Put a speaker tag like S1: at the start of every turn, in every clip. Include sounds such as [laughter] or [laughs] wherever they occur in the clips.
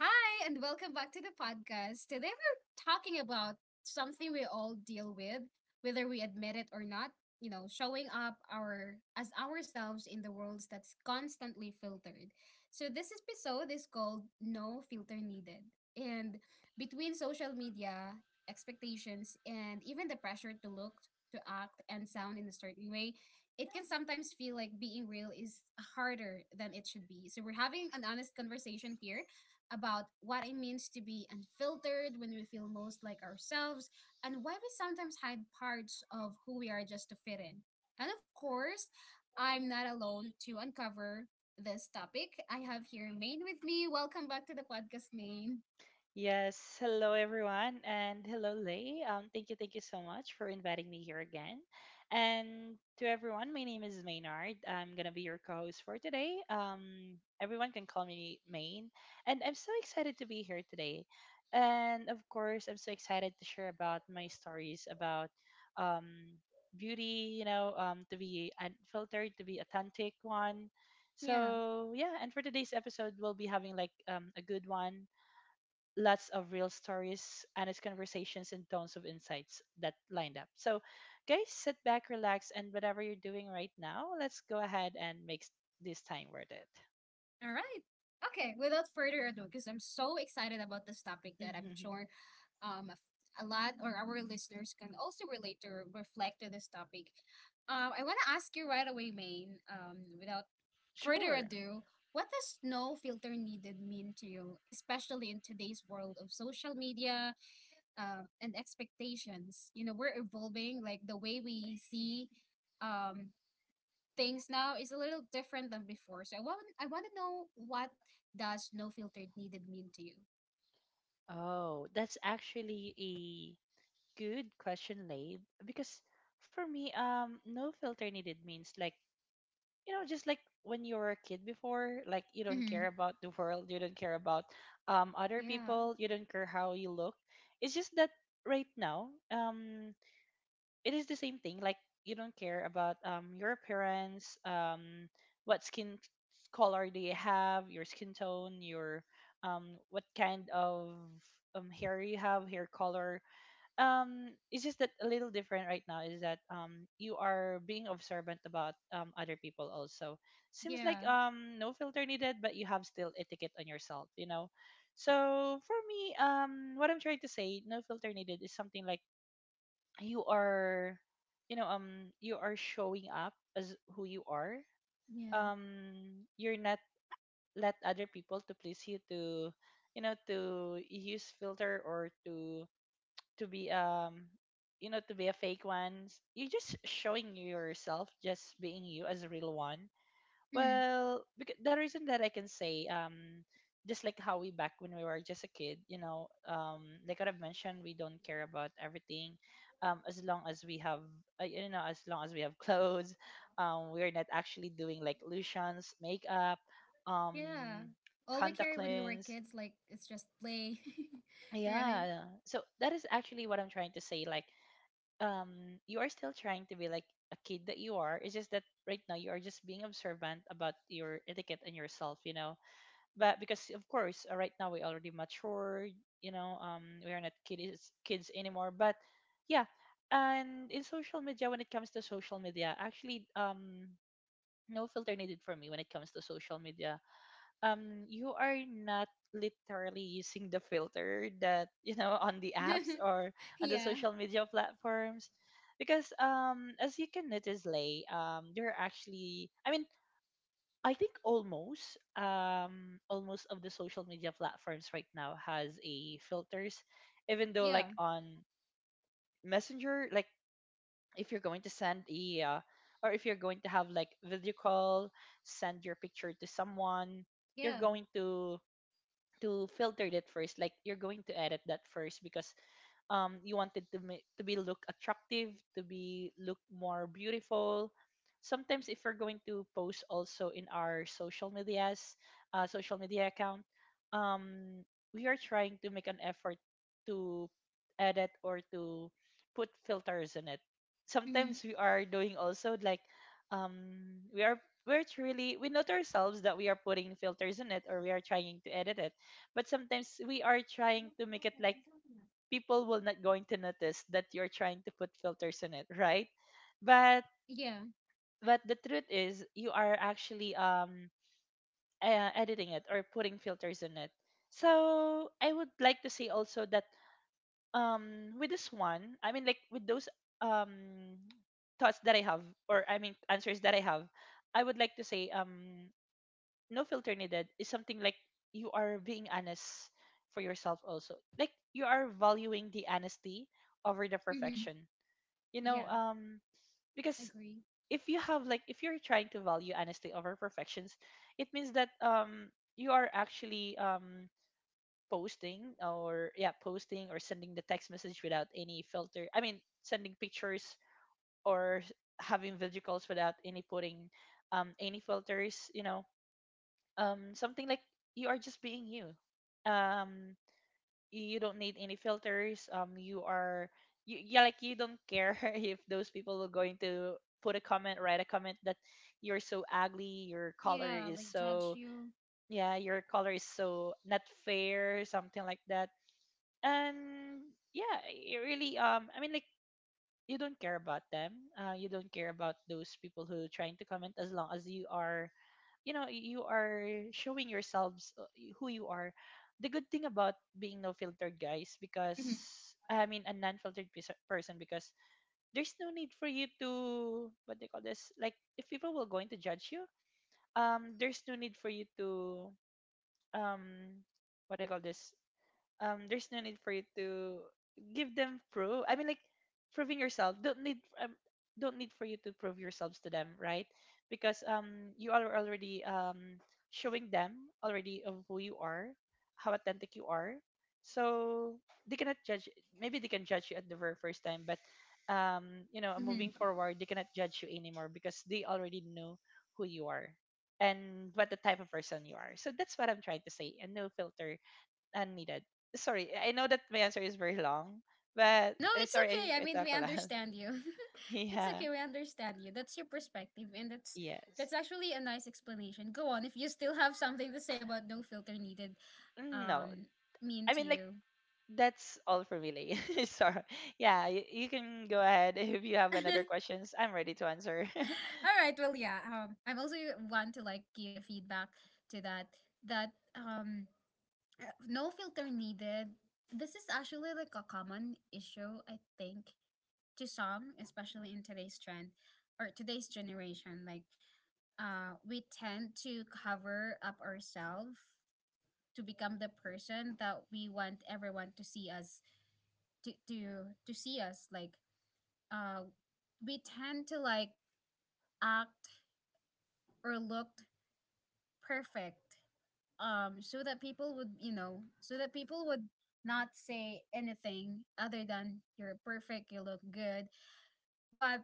S1: Hi, and welcome back to the podcast. Today we're talking about something we all deal with, whether we admit it or not, you know, showing up our as ourselves in the worlds that's constantly filtered. So this episode is called No Filter Needed. And between social media, expectations, and even the pressure to look, to act, and sound in a certain way, it can sometimes feel like being real is harder than it should be. So we're having an honest conversation here about what it means to be unfiltered when we feel most like ourselves and why we sometimes hide parts of who we are just to fit in. And of course, I'm not alone to uncover this topic. I have here Maine with me. Welcome back to the podcast, Maine.
S2: Yes, hello everyone, and hello Lay. Thank you so much for inviting me here again. And to everyone, my name is Maynard. I'm gonna be your co-host for today. Everyone can call me Main, and I'm so excited to be here today. And of course, I'm so excited to share about my stories about um beauty. You know, to be unfiltered, to be authentic one.
S1: Yeah.
S2: So yeah, and for today's episode, we'll be having a good one, lots of real stories, honest conversations, and tons of insights that lined up. So, guys, sit back, relax, and whatever you're doing right now, let's go ahead and make this time worth it.
S1: All right. Okay, without further ado, because I'm so excited about this topic that I'm
S2: Mhm.
S1: sure, um, a lot or our listeners can also relate to reflect to this topic. I want to ask you right away, Maine, without further
S2: Sure.
S1: ado, what does no filter needed mean to you, especially in today's world of social media and expectations? You know, we're evolving, like the way we see, um, things now is a little different than before. So I want to know what does no filtered needed mean to you?
S2: Oh, that's actually a good question, Lade, because for me, no filter needed means just like when you were a kid before, like you don't
S1: Mm-hmm.
S2: care about the world, you don't care about other
S1: Yeah,
S2: people, you don't care how you look. It's just that right now, it is the same thing, like you don't care about your appearance, what skin color do you have, your skin tone, your what kind of hair you have, hair color. It's just that a little different right now is that you are being observant about other people also. Seems like
S1: yeah,
S2: no filter needed, but you have still etiquette on yourself, you know. So for me, what I'm trying to say, no filter needed is something like you are, you know, you are showing up as who you are.
S1: yeah,
S2: um you're not let other people to please you, to, you know, to use filter, or to be, you know, to be a fake one. You're just showing yourself, just being you as a real one.
S1: mm,
S2: Well, because the reason that I can say, just like how we back when we were just a kid, you know, like what I've mentioned, we don't care about everything, as long as we have you know, as long as we have [laughs] clothes. We're not actually doing like lotions, makeup, um
S1: yeah. All we
S2: contact
S1: carry when we were
S2: lens.
S1: kids, like it's just play, [laughs] right?
S2: Yeah, so that is actually what I'm trying to say, like you are still trying to be like a kid that you are. It's just that right now you are just being observant about your etiquette and yourself, you know. But because of course, right now we already mature, you know, we are not kids anymore, but yeah. And in social media, when it comes to social media actually, no filter needed for me when it comes to social media, you are not literally using the filter that, you know, on the apps,
S1: [laughs]
S2: or on the
S1: Yeah,
S2: social media platforms. Because as you can notice, Lay, you're actually, I mean, I think almost, almost of the social media platforms right now has a filters. Even though
S1: yeah,
S2: like on messenger, like if you're going to send a or if you're going to have like video call, send your picture to someone, you're
S1: yeah.
S2: going to filter that first, like you're going to edit that first, because you wanted to to be look attractive, to be look more beautiful. Sometimes, if we're going to post also in our social medias, social media account, um, we are trying to make an effort to edit or to put filters in it.
S1: Mm-hmm.
S2: Sometimes we are doing also like um, we are, we're truly we note ourselves that we are putting filters in it, or we are trying to edit it. But sometimes we are trying to make it like people will not going to notice that you're trying to put filters in it, right? But
S1: Yeah,
S2: the truth is you are actually, editing it or putting filters in it. So I would like to say also that, with this one, I mean like with those um thoughts that I have, or I mean answers that I have, I would like to say, no filter needed is something like you are being honest for yourself also, like you are valuing the honesty over the
S1: mm-hmm,
S2: perfection, you know.
S1: yeah.
S2: Because
S1: Agree.
S2: if you have like, if you're trying to value honesty over perfections, it means that you are actually, posting, or yeah, posting or sending the text message without any filter, I mean sending pictures or having video calls without any putting any filters, you know. Something like you are just being you, um you don't need any filters. You are you, yeah, like you don't care [laughs] if those people are going to put a comment, write a comment that you're so ugly, your color
S1: Yeah,
S2: is
S1: like judge
S2: so,
S1: you.
S2: yeah, your color is so not fair, something like that. And yeah, it really I mean like you don't care about them. You don't care about those people who trying to comment, as long as you are, you know, you are showing yourselves, who you are. The good thing about being no filtered, guys, because
S1: Mm-hmm.
S2: I mean a non-filtered person, because there's no need for you to what they call this, like if people will going to judge you, there's no need for you to um what do you call this, there's no need for you to give them proof, I mean like proving yourself, don't need, don't need for you to prove yourselves to them, right? Because you are already showing them already of who you are, how authentic you are. So they cannot judge, maybe they can judge you at the very first time, but you know, moving
S1: Mm-hmm.
S2: forward, they cannot judge you anymore because they already know who you are and what the type of person you are. So that's what I'm trying to say, and no filter unneeded. Sorry, I know that my answer is very long, but
S1: No, it's
S2: sorry,
S1: okay. I
S2: I
S1: mean,
S2: talk
S1: we
S2: a lot.
S1: understand you. [laughs]
S2: [laughs]
S1: It's
S2: Yeah.
S1: okay. We understand you. That's your perspective, and that's
S2: Yes.
S1: that's actually a nice explanation. Go on. If you still have something to say about no filter needed,
S2: No.
S1: um, mean
S2: I
S1: to
S2: mean, like
S1: you.
S2: that's all for me, Lay. [laughs] Sorry. Yeah, you can go ahead [laughs] if you have another
S1: [laughs]
S2: questions. I'm ready to answer.
S1: All right. Well, yeah. I'm also want to like give a feedback to that. That um, no filter needed. This is actually like a common issue, I think, to some, especially in today's trend or today's generation. Like we tend to cover up ourselves to become the person that we want everyone to see us to to, see us like, uh, we tend to like act or look perfect, so that people would, you know, so that people would not say anything other than you're perfect, you look good. But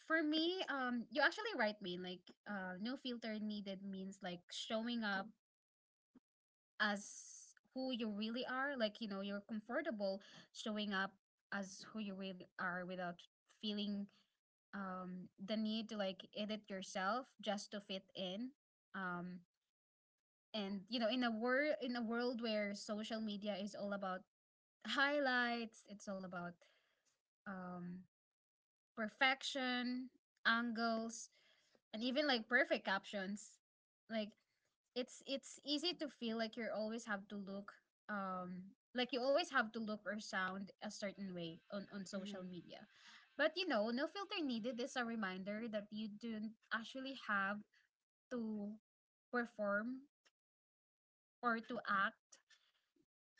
S1: for me, you actually right me like, no filter needed means like showing up as who you really are, like, you know, you're comfortable showing up as who you really are without feeling, the need to like edit yourself just to fit in. um and you know, in a world, in a world where social media is all about highlights, it's all about, um perfection, angles, and even like perfect captions. Like it's easy to feel like you always have to look, like you always have to look or sound a certain way on
S2: [laughs]
S1: social
S2: Hmm.
S1: media. But you know, no filter needed is a reminder that you don't actually have to perform or to act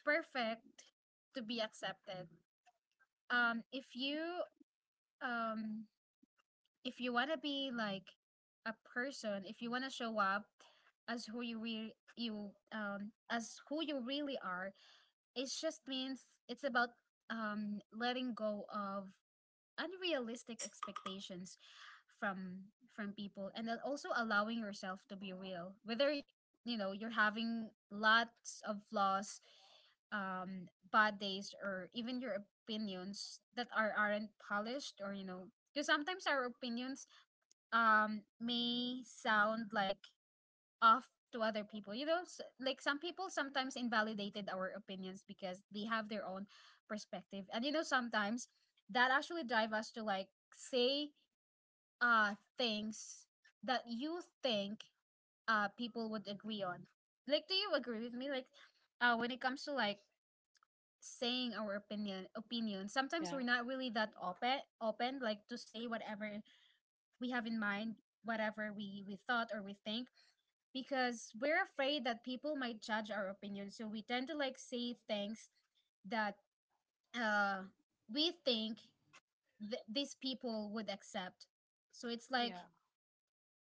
S1: perfect to be accepted. um if you um if you want to be like a person, if you want to show up as who you really you as who you really are, it just means it's about, letting go of unrealistic expectations from people, and then also allowing yourself to be real, whether, you know, you're having lots of flaws, bad days, or even your opinions that are aren't polished. Or you know, because sometimes our opinions may sound like off to other people, you know, like some people sometimes invalidated our opinions because they have their own perspective. And you know, sometimes that actually drive us to like say, things that you think people would agree on. Like, do you agree with me? Like, when it comes to like saying our opinion, sometimes
S2: Yeah.
S1: we're not really that open, like to say whatever we have in mind, whatever we thought or we think, because we're afraid that people might judge our opinion. So we tend to like say things that, uh we think these people would accept. So it's like,
S2: Yeah.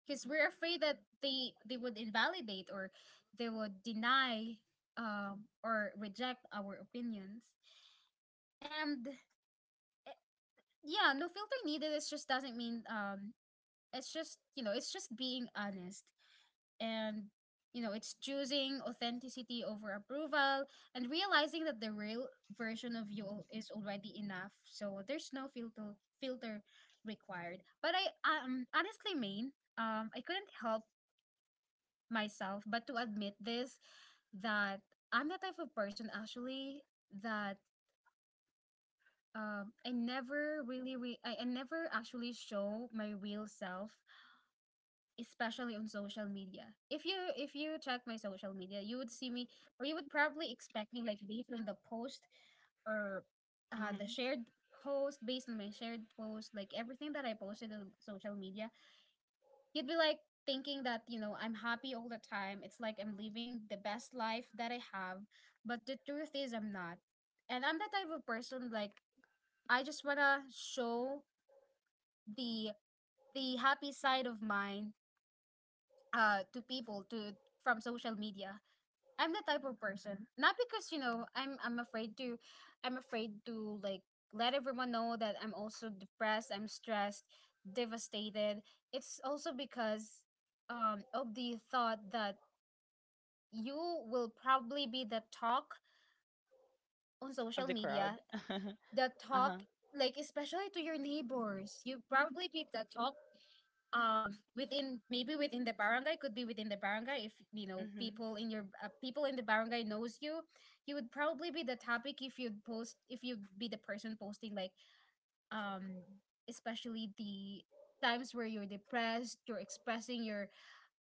S1: because we're afraid that they would invalidate or they would deny, or reject our opinions. And, eh, yeah, no filter needed, it just doesn't mean, it's just, you know, it's just being honest. And you know, it's choosing authenticity over approval, and realizing that the real version of you is already enough. So there's no filter required. But I honestly mean, I couldn't help myself but to admit this, that I'm the type of person actually, that I never really I never actually show my real self, especially on social media. If you, if you check my social media, you would see me, or you would probably expect me like based on the post, or the
S2: Hmm.
S1: shared post, based on my shared post, like everything that I posted on social media, you'd be like thinking that, you know, I'm happy all the time. It's like I'm living the best life that I have. But the truth is I'm not. And I'm that type of person, like I just wanna show the the happy side of mine, to people to from social media. I'm the type of person, not because, you know, I'm afraid to, I'm afraid to like let everyone know that I'm also depressed, I'm stressed, devastated. It's also because, of the thought that you will probably be the talk on
S2: Of
S1: social
S2: the crowd.
S1: media,
S2: [laughs] Uh-huh.
S1: the talk, like especially to your neighbors, you probably be the talk, within maybe within the barangay, could be within the barangay. If you know
S2: Hmm.
S1: people in your people in the barangay knows you, you would probably be the topic if you'd post, if you'd be the person posting like, um especially the times where you're depressed, you're expressing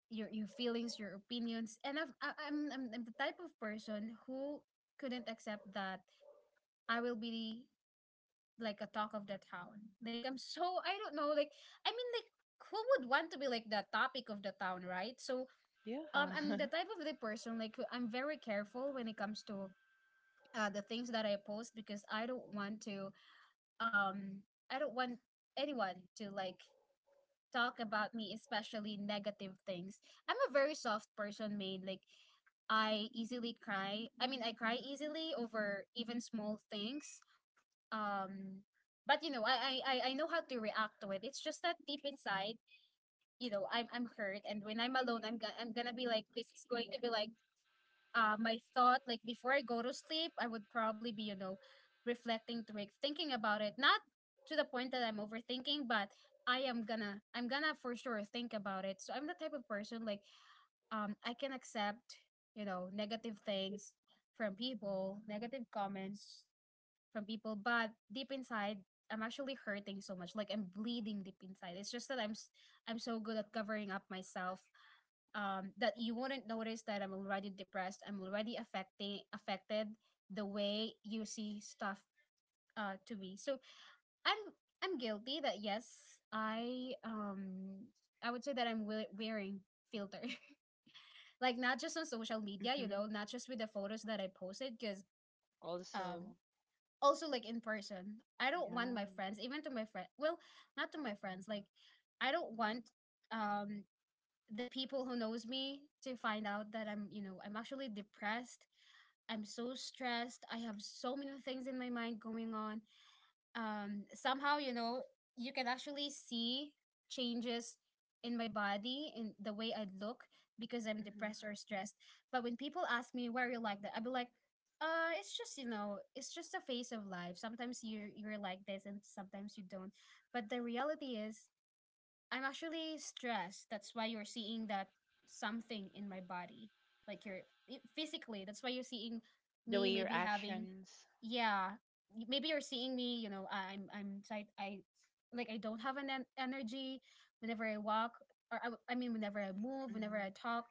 S1: your feelings, your opinions. And I've, I, I'm the type of person who couldn't accept that I will be like a talk of the town. Like I'm so, I don't know. Like I mean, like who would want to be like the topic of the town, right? So
S2: Yeah.
S1: I'm the
S2: [laughs]
S1: type of the person like I'm very careful when it comes to the things that I post, because I don't want to, I don't want anyone to like talk about me, especially negative things. I'm a very soft person made like I easily cry. I mean, I cry easily over even small things. um but you know, I know how to react to it. It's just that deep inside, you know, I'm hurt. And when I'm alone, I'm gonna be like, this is going to be like, my thought. Like before I go to sleep, I would probably be, you know, reflecting to it, thinking about it, not to the point that I'm overthinking, but I'm gonna for sure think about it. So I'm the type of person like, I can accept, you know, negative things from people, negative comments from people, but deep inside, I'm actually hurting so much. Like I'm bleeding deep inside. It's just that I'm so good at covering up myself, that you wouldn't notice that I'm already depressed. I'm already affecting affected the way you see stuff, to me. So I'm I'm guilty that yes, I would say that I'm wearing filter. [laughs] Like not just on social media, you
S2: Hmm.
S1: know, not just with the photos that I posted, cuz
S2: Also.
S1: um also like in person. I don't want my
S2: Yeah.
S1: friends, even to my friend, well, not to my friends, like I don't want, um the people who knows me to find out that I'm, you know, I'm actually depressed. I'm so stressed. I have so many things in my mind going on. Somehow, you know, you can actually see changes in my body, in the way I look, because I'm
S2: Hmm.
S1: depressed or stressed. But when people ask me, why are you like that, I'll be like, it's just, you know, it's just a phase of life. Sometimes you you're like this, and sometimes you don't. But the reality is, I'm actually stressed. That's why you're seeing that something in my body. Like you're physically, that's why you're seeing
S2: The
S1: me
S2: way your
S1: maybe having,
S2: actions.
S1: yeah, maybe you're seeing me, I'm tight. I like I don't have an energy whenever I walk, or I mean whenever I move, whenever I
S2: Hmm.
S1: talk,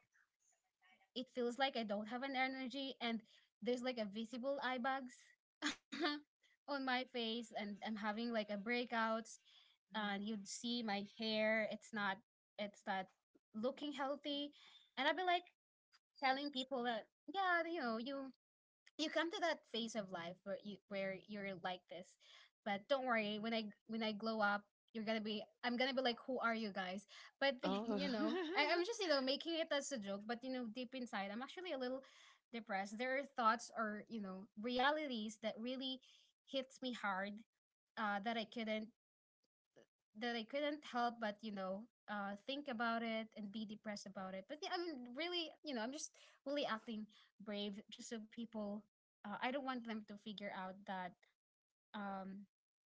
S1: it feels like I don't have an energy, and there's like a visible eye bags [laughs] on my face, and I'm having like a breakouts,
S2: Hmm.
S1: and you'd see my hair, it's not looking healthy. And I'd be like telling people that, yeah, you come to that phase of life where you're like this. But don't worry, when I glow up, you're gonna be I'm gonna be like, who are you guys? But [laughs]
S2: Oh.
S1: I'm just making it as a joke, but deep inside, I'm actually a little depressed. There are thoughts, or realities that really hits me hard, uh, that i couldn't that I couldn't help but, think about it and be depressed about it. But yeah, I'm really, I'm just really acting brave just so people, I don't want them to figure out that, um,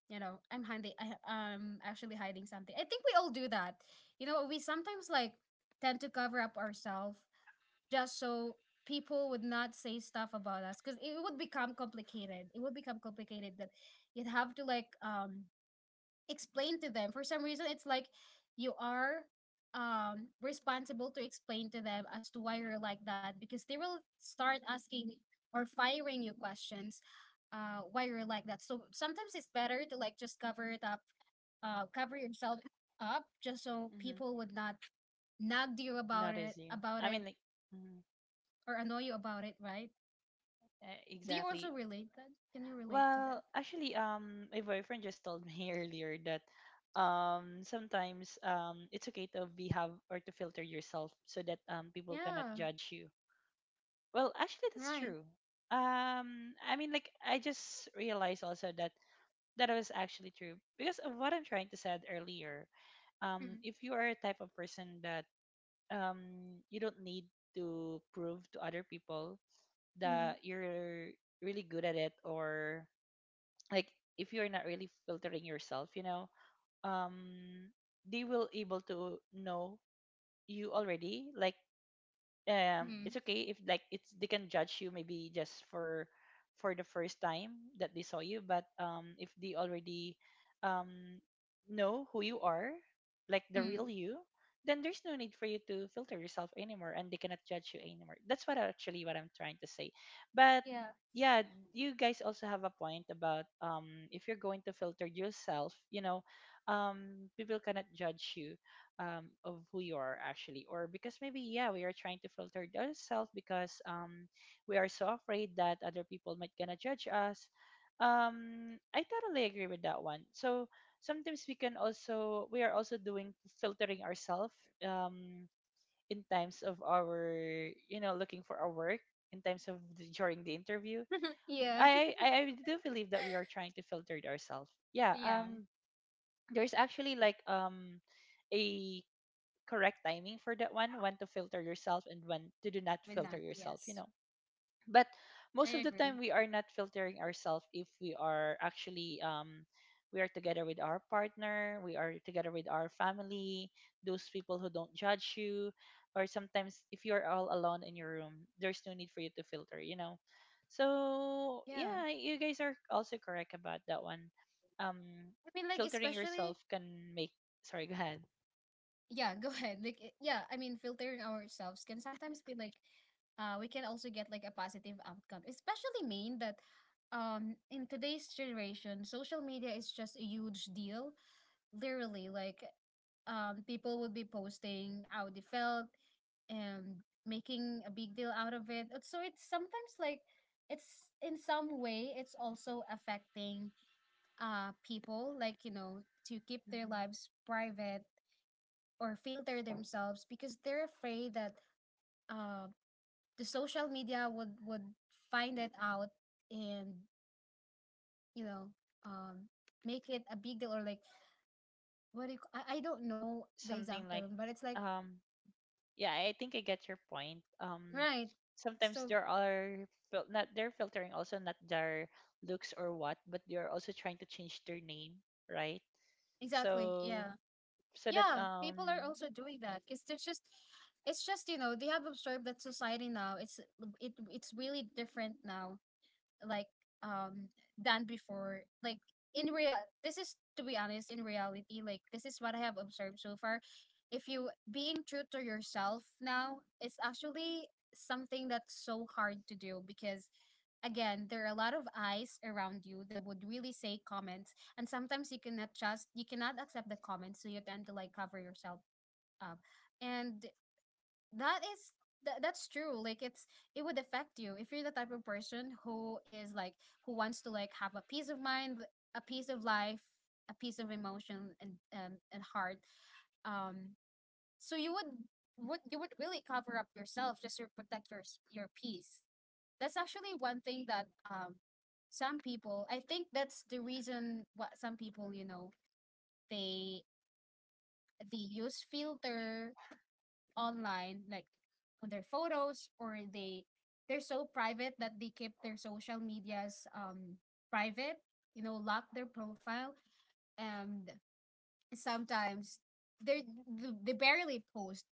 S1: I'm hiding. I'm actually hiding something. I think we all do that. We sometimes like tend to cover up ourselves just so people would not say stuff about us, because it would become complicated. It would become complicated that you'd have to like, explain to them. For some reason, it's like you are responsible to explain to them as to why you're like that, because they will start asking, or firing you questions, why you're like that. So sometimes it's better to like just cover it up, cover yourself up just so people
S2: [laughs]
S1: would not nag you about
S2: Not
S1: it
S2: easy.
S1: about
S2: I
S1: it
S2: mean, like, mm,
S1: or annoy you about it, right? Do you also
S2: exactly.
S1: relate that? Can you relate to that?
S2: Well, actually, my boyfriend just told me [laughs] earlier that sometimes it's okay to be have, or to filter yourself, so that people cannot
S1: Yeah.
S2: judge you. Well, actually, that's
S1: Right.
S2: true. I mean, like, I just realized also that that was actually true because of what I'm trying to said earlier.
S1: Mm-hmm.
S2: If you are a type of person that you don't need to prove to other people that you're really good at it, or like if you're not really filtering yourself, you know, um they will able to know you already, like
S1: Mm-hmm.
S2: it's okay if like, it's they can judge you maybe just for the first time that they saw you, but if they already um know who you are, like the real
S1: Mm-hmm.
S2: you, then there's no need for you to filter yourself anymore, and they cannot judge you anymore. That's what actually what I'm trying to say. But yeah, you guys also have a point about, if you're going to filter yourself, you know, people cannot judge you, of who you are actually, or because maybe yeah, we are trying to filter ourselves because, we are so afraid that other people might gonna judge us. I totally agree with that one. So sometimes we can also, we are also doing filtering ourselves, um, in times of our, you know, looking for our work, in times of the, during the interview.
S1: [laughs] Yeah.
S2: I do believe that we are trying to filter ourselves. Yeah,
S1: Yeah,
S2: there's actually like a correct timing for that one, when to filter yourself and when to do not
S1: why
S2: filter
S1: not?
S2: yourself, you
S1: Yes,
S2: know. But
S1: I
S2: most of the
S1: agree.
S2: time we are not filtering ourselves if we are actually, we are together with our partner, we are together with our family, those people who don't judge you, or sometimes if you're all alone in your room, there's no need for you to filter, you know. So
S1: Yeah.
S2: yeah, you guys are also correct about that one. Um,
S1: I mean, like,
S2: filtering
S1: especially,
S2: yourself can make. Sorry, go ahead.
S1: yeah, go [laughs] ahead. Like, yeah, I mean, filtering ourselves can sometimes be like, we can also get like a positive outcome, especially mean that in today's generation social media is just a huge deal, literally. Like, people would be posting how they felt and making a big deal out of it. So it's sometimes like it's in some way it's also affecting people, like, to keep their
S2: Mhm.
S1: lives private, or filter themselves, because they're afraid that uh the social media would find it out and, you know um make it a big deal, or like, what do you, I don't know the
S2: Something
S1: exact
S2: like
S1: term, but it's like,
S2: um yeah, I think I get your point,
S1: right?
S2: sometimes
S1: So,
S2: there are not, they're filtering also not their looks or what, but they're also trying to change their name, right?
S1: exactly,
S2: So
S1: yeah.
S2: so that
S1: Yeah, people are also doing that because it's just, they have observed that society now it's, it's really different now, like, um than before, like, in real, this is to be honest, in reality, like, this is what I have observed so far. If you being true to yourself now, it's actually something that's so hard to do, because, again, there are a lot of eyes around you that would really say comments, and sometimes you cannot accept the comments, so you tend to like cover yourself up. And that is that's true. Like, it would affect you if you're the type of person who is like, who wants to like have a peace of mind, a peace of life, a
S2: mhm,
S1: peace of emotion and and heart. Um, so you would you would really cover up yourself just to protect your peace. That's actually one thing that some people, I think that's the reason what some people, they they use filter online, like on their photos, or they're so private that they keep their social medias private. Lock their profile, and sometimes they they barely post.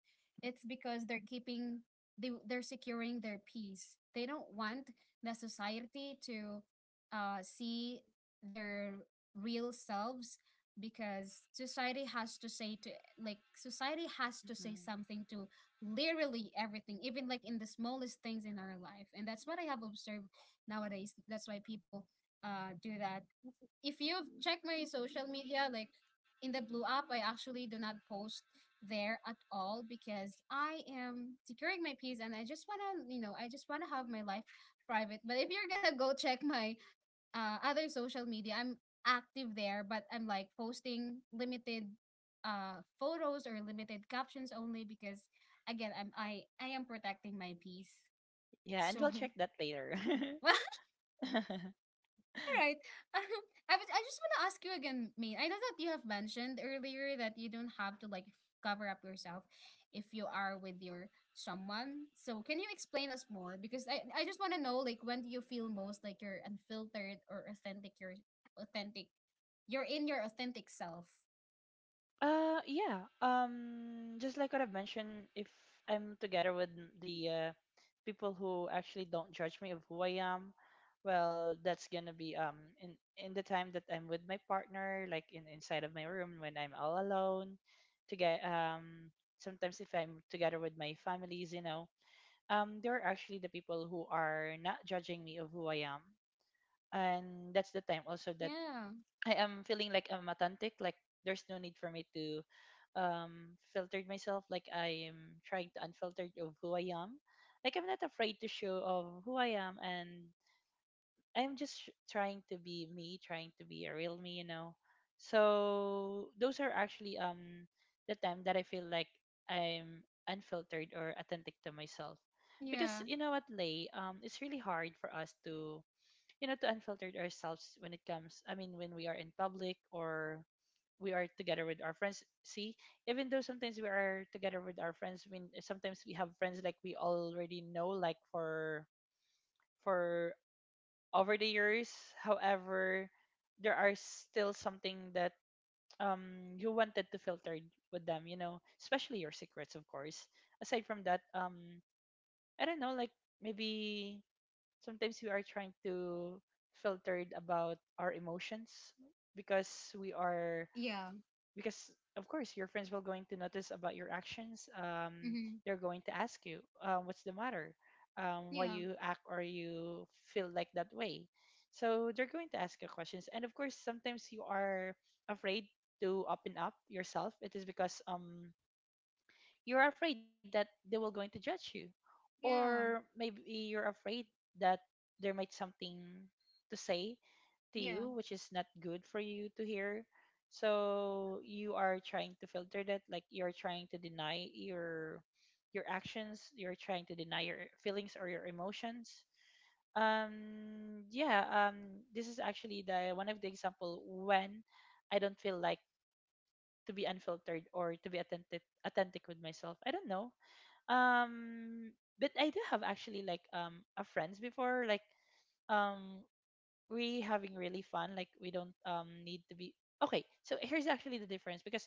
S1: It's because they're securing their peace. They don't want the society to see their real selves, because society has to say
S2: mhm.
S1: something to literally everything, even like in the smallest things in our life. And that's what I have observed nowadays. That's why people do that. If you've checked my social media, like, in the blue app, I actually do not post there at all, because I am securing my peace, and I just want to you know I just want to have my life private. But if you're gonna go check my, other social media, I'm active there, but I'm like posting limited photos or limited captions only, because again, I am protecting my peace,
S2: Yeah, and
S1: so
S2: we'll check that later.
S1: [laughs] well,
S2: [laughs]
S1: all right. [laughs] I just want to ask you again, Maine. I know that you have mentioned earlier that you don't have to like cover up yourself if you are with your someone. So can you explain us more? Because I just want to know, like, when do you feel most like you're unfiltered or authentic? You're authentic. You're in your authentic self.
S2: Yeah. Just like what I've mentioned, if I'm together with the people who actually don't judge me of who I am, well, that's gonna be in the time that I'm with my partner, like in inside of my room when I'm all alone. To get sometimes if I'm together with my families, you know, they're actually the people who are not judging me of who I am, and that's the time also that
S1: Yeah.
S2: I am feeling like I'm authentic. Like there's no need for me to filtered myself. Like I am trying to unfiltered of who I am. Like I'm not afraid to show of who I am, and I'm just trying to be me, trying to be a real me, you know. So those are actually the time that I feel like I'm unfiltered or authentic to myself, because
S1: Yeah.
S2: you know what, Lay, it's really hard for us to you know to unfiltered ourselves when it comes, I mean when we are in public or we are together with our friends. See, even though sometimes we are together with our friends, I mean sometimes we have friends like we already know like for over the years, however there are still something that you wanted to filter with them, you know, especially your secrets, of course. Aside from that, I don't know, like maybe sometimes we are trying to filtered about our emotions, because we are,
S1: Yeah.
S2: because of course your friends will going to notice about your actions,
S1: Mm-hmm.
S2: they're going to ask you what's the matter, why
S1: Yeah.
S2: you act or you feel like that way. So they're going to ask you questions, and of course sometimes you are afraid to open up yourself. It is because you're afraid that they will going to judge you, or
S1: Yeah.
S2: maybe you're afraid that there might something to say to
S1: Yeah.
S2: you which is not good for you to hear. So you are trying to filter that, like you're trying to deny your actions, you're trying to deny your feelings or your emotions. Yeah, this is actually the one of the example when I don't feel like to be unfiltered or to be authentic with myself, I don't know. um, but I do have actually like a friends before, like um we having really fun, like we don't need to be okay. So here's actually the difference, because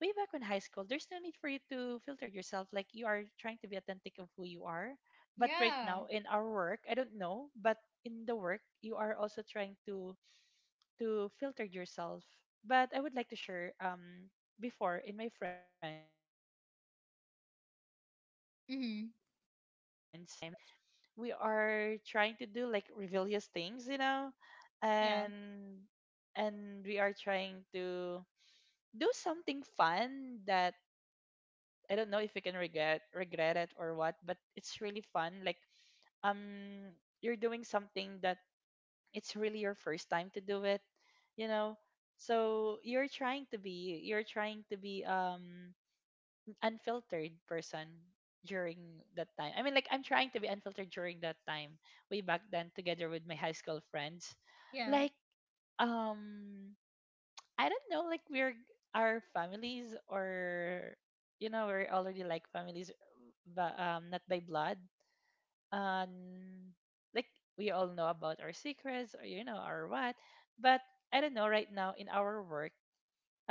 S2: way back in high school, there's no need for you to filter yourself. Like you are trying to be authentic of who you are. But right
S1: Yeah.
S2: now in our work, I don't know, but in the work, you are also trying to filter yourself. But I would like to share, before in my friends I feel like unfiltered and I'm
S1: Mm-hmm.
S2: so authentic during that time. Like we are trying to do like rebellious things, you know,
S1: Yeah.
S2: and and we are trying to do something fun that I don't know if we can regret it or what, but it's really fun. Like um, you're doing something that it's really your first time to do it, you know. So you're trying to be unfiltered person during that time. I mean, like I'm trying to be unfiltered during that time, way back then, together with my high school friends.
S1: Yeah.
S2: Like, um, I don't know, like we're our families, or you know, we're already like families, but not by blood. Um, like we all know about our secrets, or you know, our what. But I don't know. Right now, in our work,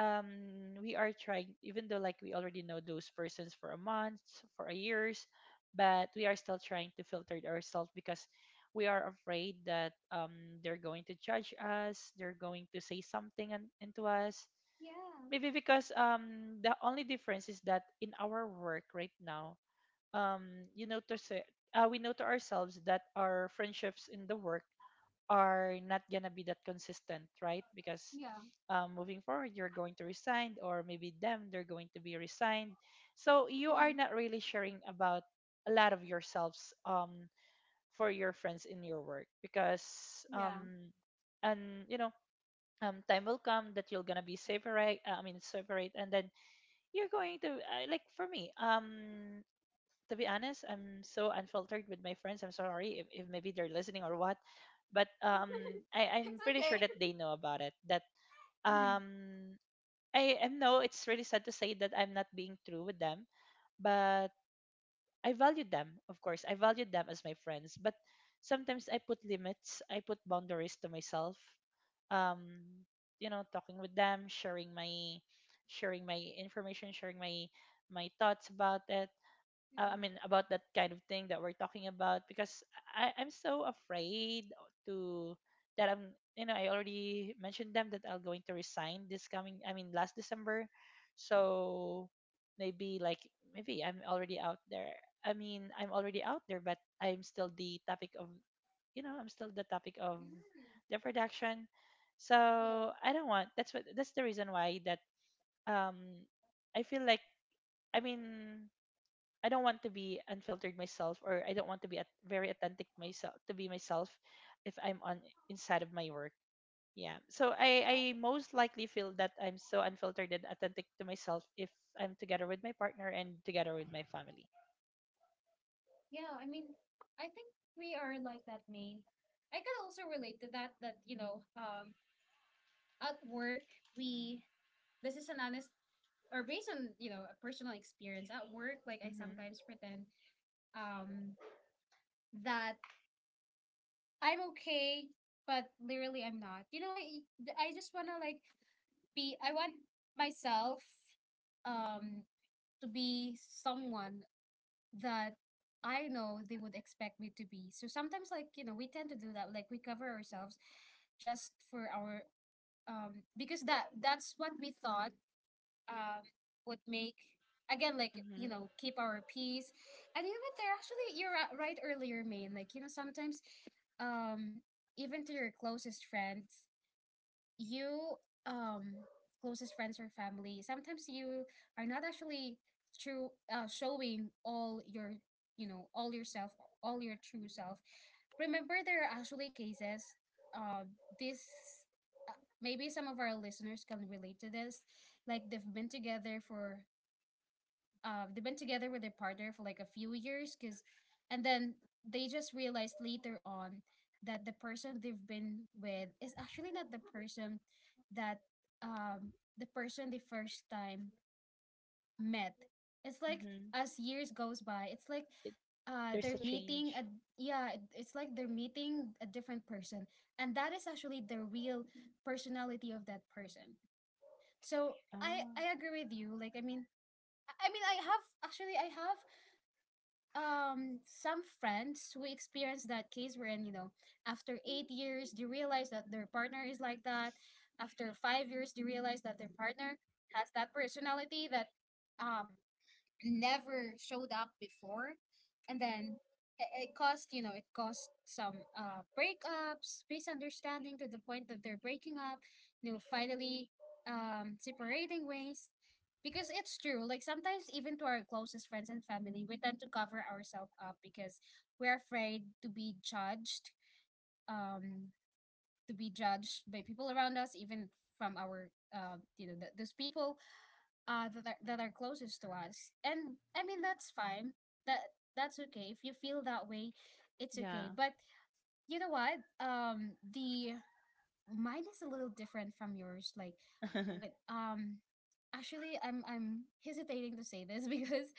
S2: um we are trying, even though like we already know those persons for a month, for a years, but we are still trying to filter ourselves because we are afraid that they're going to judge us, they're going to say something and into us,
S1: Yeah.
S2: maybe because the only difference is that in our work right now, um you know, to say, we know to ourselves that our friendships in the work are not gonna be that consistent, right? Because
S1: Yeah.
S2: moving forward, you're going to resign, or maybe them, they're going to be resigned. So you are
S1: Mm-hmm.
S2: not really sharing about a lot of yourselves, for your friends in your work because,
S1: Yeah.
S2: and you know, time will come that you're gonna be separate. I mean, separate, and then you're going to like for me. To be honest, I'm so unfiltered with my friends. I'm sorry if maybe they're listening or what, but
S1: [laughs] It's
S2: I'm
S1: okay.
S2: pretty sure that they know about it. That
S1: Mhm.
S2: um, I know it's really sad to say that I'm not being true with them, but I value them, of course. I value them as my friends, but sometimes I put limits, I put boundaries to myself. Um, you know, talking with them, sharing my information, sharing my thoughts about it, I mean about that kind of thing that we're talking about, because I'm so afraid to, that I'm, you know, I already mentioned them that I'm going to resign this coming, I mean last December, so maybe like maybe I'm already out there. I mean I'm already out there, but I'm still the topic of, you know, I'm still the topic of the production,
S1: Yeah.
S2: so I don't want. That's what, that's the reason why that um I feel like, I mean, I don't want to be unfiltered myself, or I don't want to be at, very authentic myself to be myself if I'm on inside of my work. Yeah. So
S1: I,
S2: I most likely feel that I'm so unfiltered and authentic to myself if I'm together with my partner and together with my family.
S1: yeah, I mean, I think we are like that, Maine. I could also relate to that, at work, we, this is an honest, or based on, a personal experience at work, like I
S2: Mm-hmm.
S1: sometimes pretend, um, that I'm okay, but literally I'm not. I just want to like I want myself, um, to be someone that I know they would expect me to be. So sometimes, like, we tend to do that. Like, we cover ourselves just for because that's what we thought um would make, again, like,
S2: Mm-hmm.
S1: keep our peace. And you know what? You're right earlier, Maine. Like, sometimes, um, even to your closest friends, you um closest friends or family. Sometimes you are not actually true, showing all all yourself all your true self. Remember, there are actually cases, uh, this uh, maybe some of our listeners can relate to this. Like, they've been together for, they've been together with their partner for like a few years, because, and then, they just realized later on that the person they've been with is actually not the person that, um they first time met. It's like,
S2: Mm-hmm.
S1: as years goes by, it's like,
S2: It, there's
S1: they're
S2: a
S1: meeting
S2: change.
S1: a yeah, it's like they're meeting a different person, and that is actually the real personality of that person. So, i
S2: Oh,
S1: i agree with you, like, I mean, I have some friends who experienced that case, wherein, after 8 years, they realize that their partner is like that. After 5 years, they realize that their partner has that personality that um never showed up before. And then it caused some breakups, misunderstanding, to the point that they're breaking up, finally, separating ways. Because it's true, like, sometimes even to our closest friends and family we tend to cover ourselves up, because we're afraid to be judged, um by people around us, even from our, those people that are closest to us. And I mean, that's fine. that that's okay if you feel that way. It's okay.
S2: yeah.
S1: But you know what, the mine is a little different from yours. Like, when,
S2: [laughs]
S1: actually I'm hesitating to say this [laughs] because,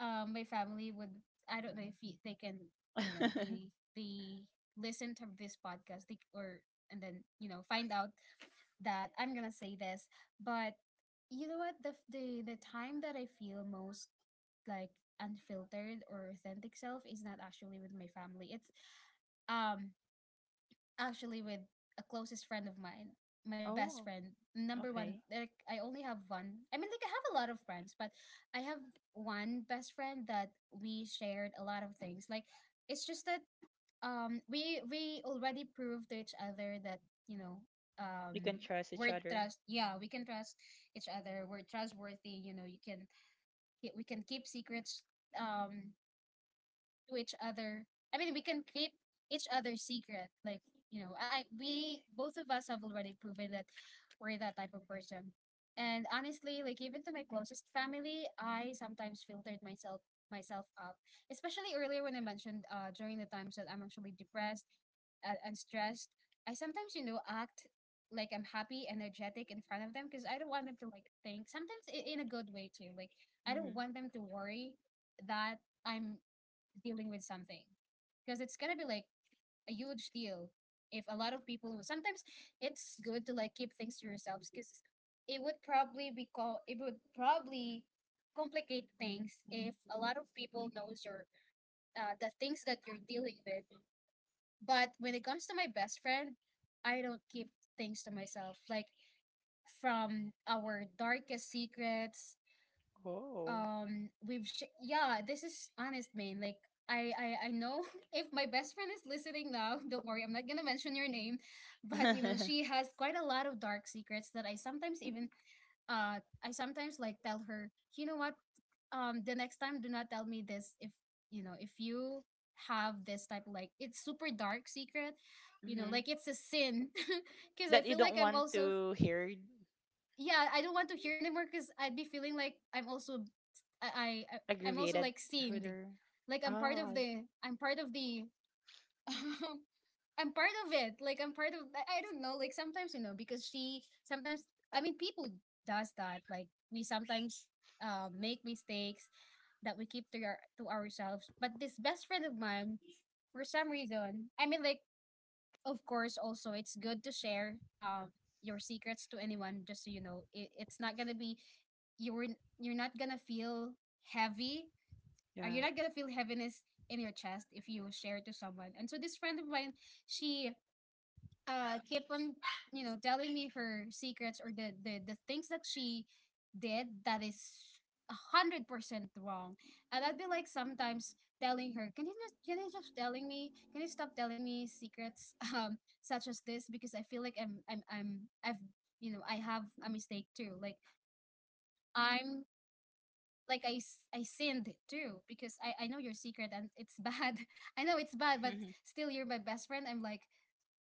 S1: my family would I don't know if they can, no, no, they listen to this podcast, they, or and then, find out that I'm gonna say this. But you know what, the the time that I feel most like unfiltered or authentic self is not actually with my family. It's, um actually with a closest friend of mine, my best
S2: Oh,
S1: friend, number one.
S2: okay.
S1: Like, I only have one. I mean, like, I have a lot of friends, but I have one best friend that we shared a lot of things. Like, it's just that, we already proved to each other that, you know
S2: We
S1: um
S2: can trust each
S1: we're
S2: other.
S1: trust yeah, we can trust each other. We're trustworthy. You know, you can we can keep secrets, um to each other. I mean, we can keep each other's secret. Like, I we both of us have already proven that we're that type of person. And honestly, like, even to my closest family, I sometimes filtered myself up, especially earlier when I mentioned, during the times that I'm actually depressed and stressed. I sometimes, act like I'm happy, energetic, in front of them, because I don't want them to like think. Sometimes, in a good way too. Like I don't
S2: Mm-hmm.
S1: want them to worry that I'm dealing with something because it's gonna be like a huge deal if a lot of people sometimes it's good to like keep things to yourselves because it would probably complicate things if a lot of people knows your the things that you're dealing with. But when it comes to my best friend, I don't keep things to myself, like from our darkest secrets.
S2: Oh.
S1: Yeah, this is honest, man. Like I know [laughs] if my best friend is listening now, [laughs] don't worry, I'm not gonna mention your name.
S2: [laughs]
S1: But you know,
S2: Mm-hmm.
S1: she has quite a lot of dark secrets that I sometimes like tell her, you know what, the next time do not tell me this. If you know, if you have this type of, like, it's super dark secret, you know, like it's a sin [laughs] because I
S2: That you
S1: feel like
S2: don't
S1: I'm
S2: want
S1: also.
S2: to hear.
S1: Yeah, I don't want to hear anymore because I'd be feeling like I'm also I, I I'm also
S2: Aggravated
S1: like seen.
S2: herder.
S1: Like
S2: Oh, I,
S1: I'm part of the [laughs] I'm part of it. Like I'm part of I don't know, like sometimes, you know, because she sometimes, I mean, people does that. Like we sometimes make mistakes that we keep to our to ourselves. But this best friend of mine, for some reason, I mean, like, of course, also it's good to share your secrets to anyone just so you know it's not gonna be, you're you're not gonna feel heavy, or
S2: yeah.
S1: you're not gonna feel heaviness in your chest if you share it to someone. And so this friend of mine, she kept on, you know, telling me her secrets or the things that she did that is 100% wrong. And I'd be like sometimes telling her, can you just telling me can you stop telling me secrets? [laughs] Such as this, because I feel like I'm, I've you know, I have a mistake too. Like I'm like, I sinned too because I know your secret, and it's bad. [laughs] I know it's bad, but
S2: [laughs]
S1: still you're my best friend. I'm like,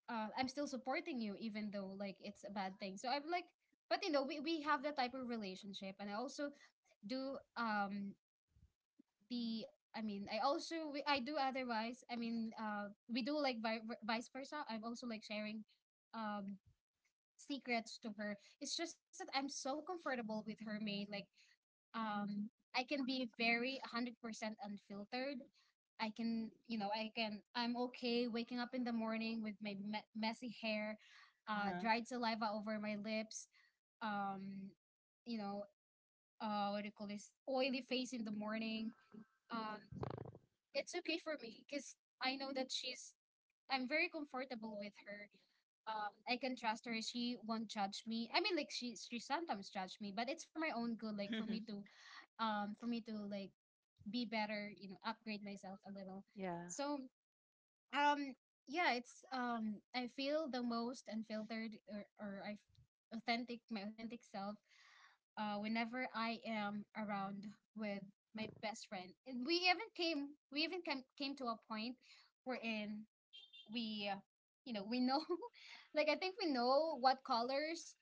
S1: I'm still supporting you even though like it's a bad thing. So I'm like, but you know, we have that type of relationship, and I also do the I mean, I do otherwise. I mean, we do like vice versa. I'm also like sharing um secrets to her. It's just that I'm so comfortable with her maid. Like um I can be very 100% unfiltered. I can, you know, I'm okay waking up in the morning with my messy hair,
S2: Uh-huh.
S1: dried saliva over my lips, um you know, what do you call this? Oily face in the morning. Um it's okay for me cuz I know that she's I'm very comfortable with her. I can trust her. She won't judge me. I mean, like, she sometimes judge me, but it's for my own good. Like for me to like be better. You know, upgrade myself a little.
S2: [laughs] Yeah.
S1: So um, yeah, it's I feel the most unfiltered, or I authentic my authentic self whenever I am around with my best friend. And came to a point wherein we you know, we know [laughs] like I think we know what colors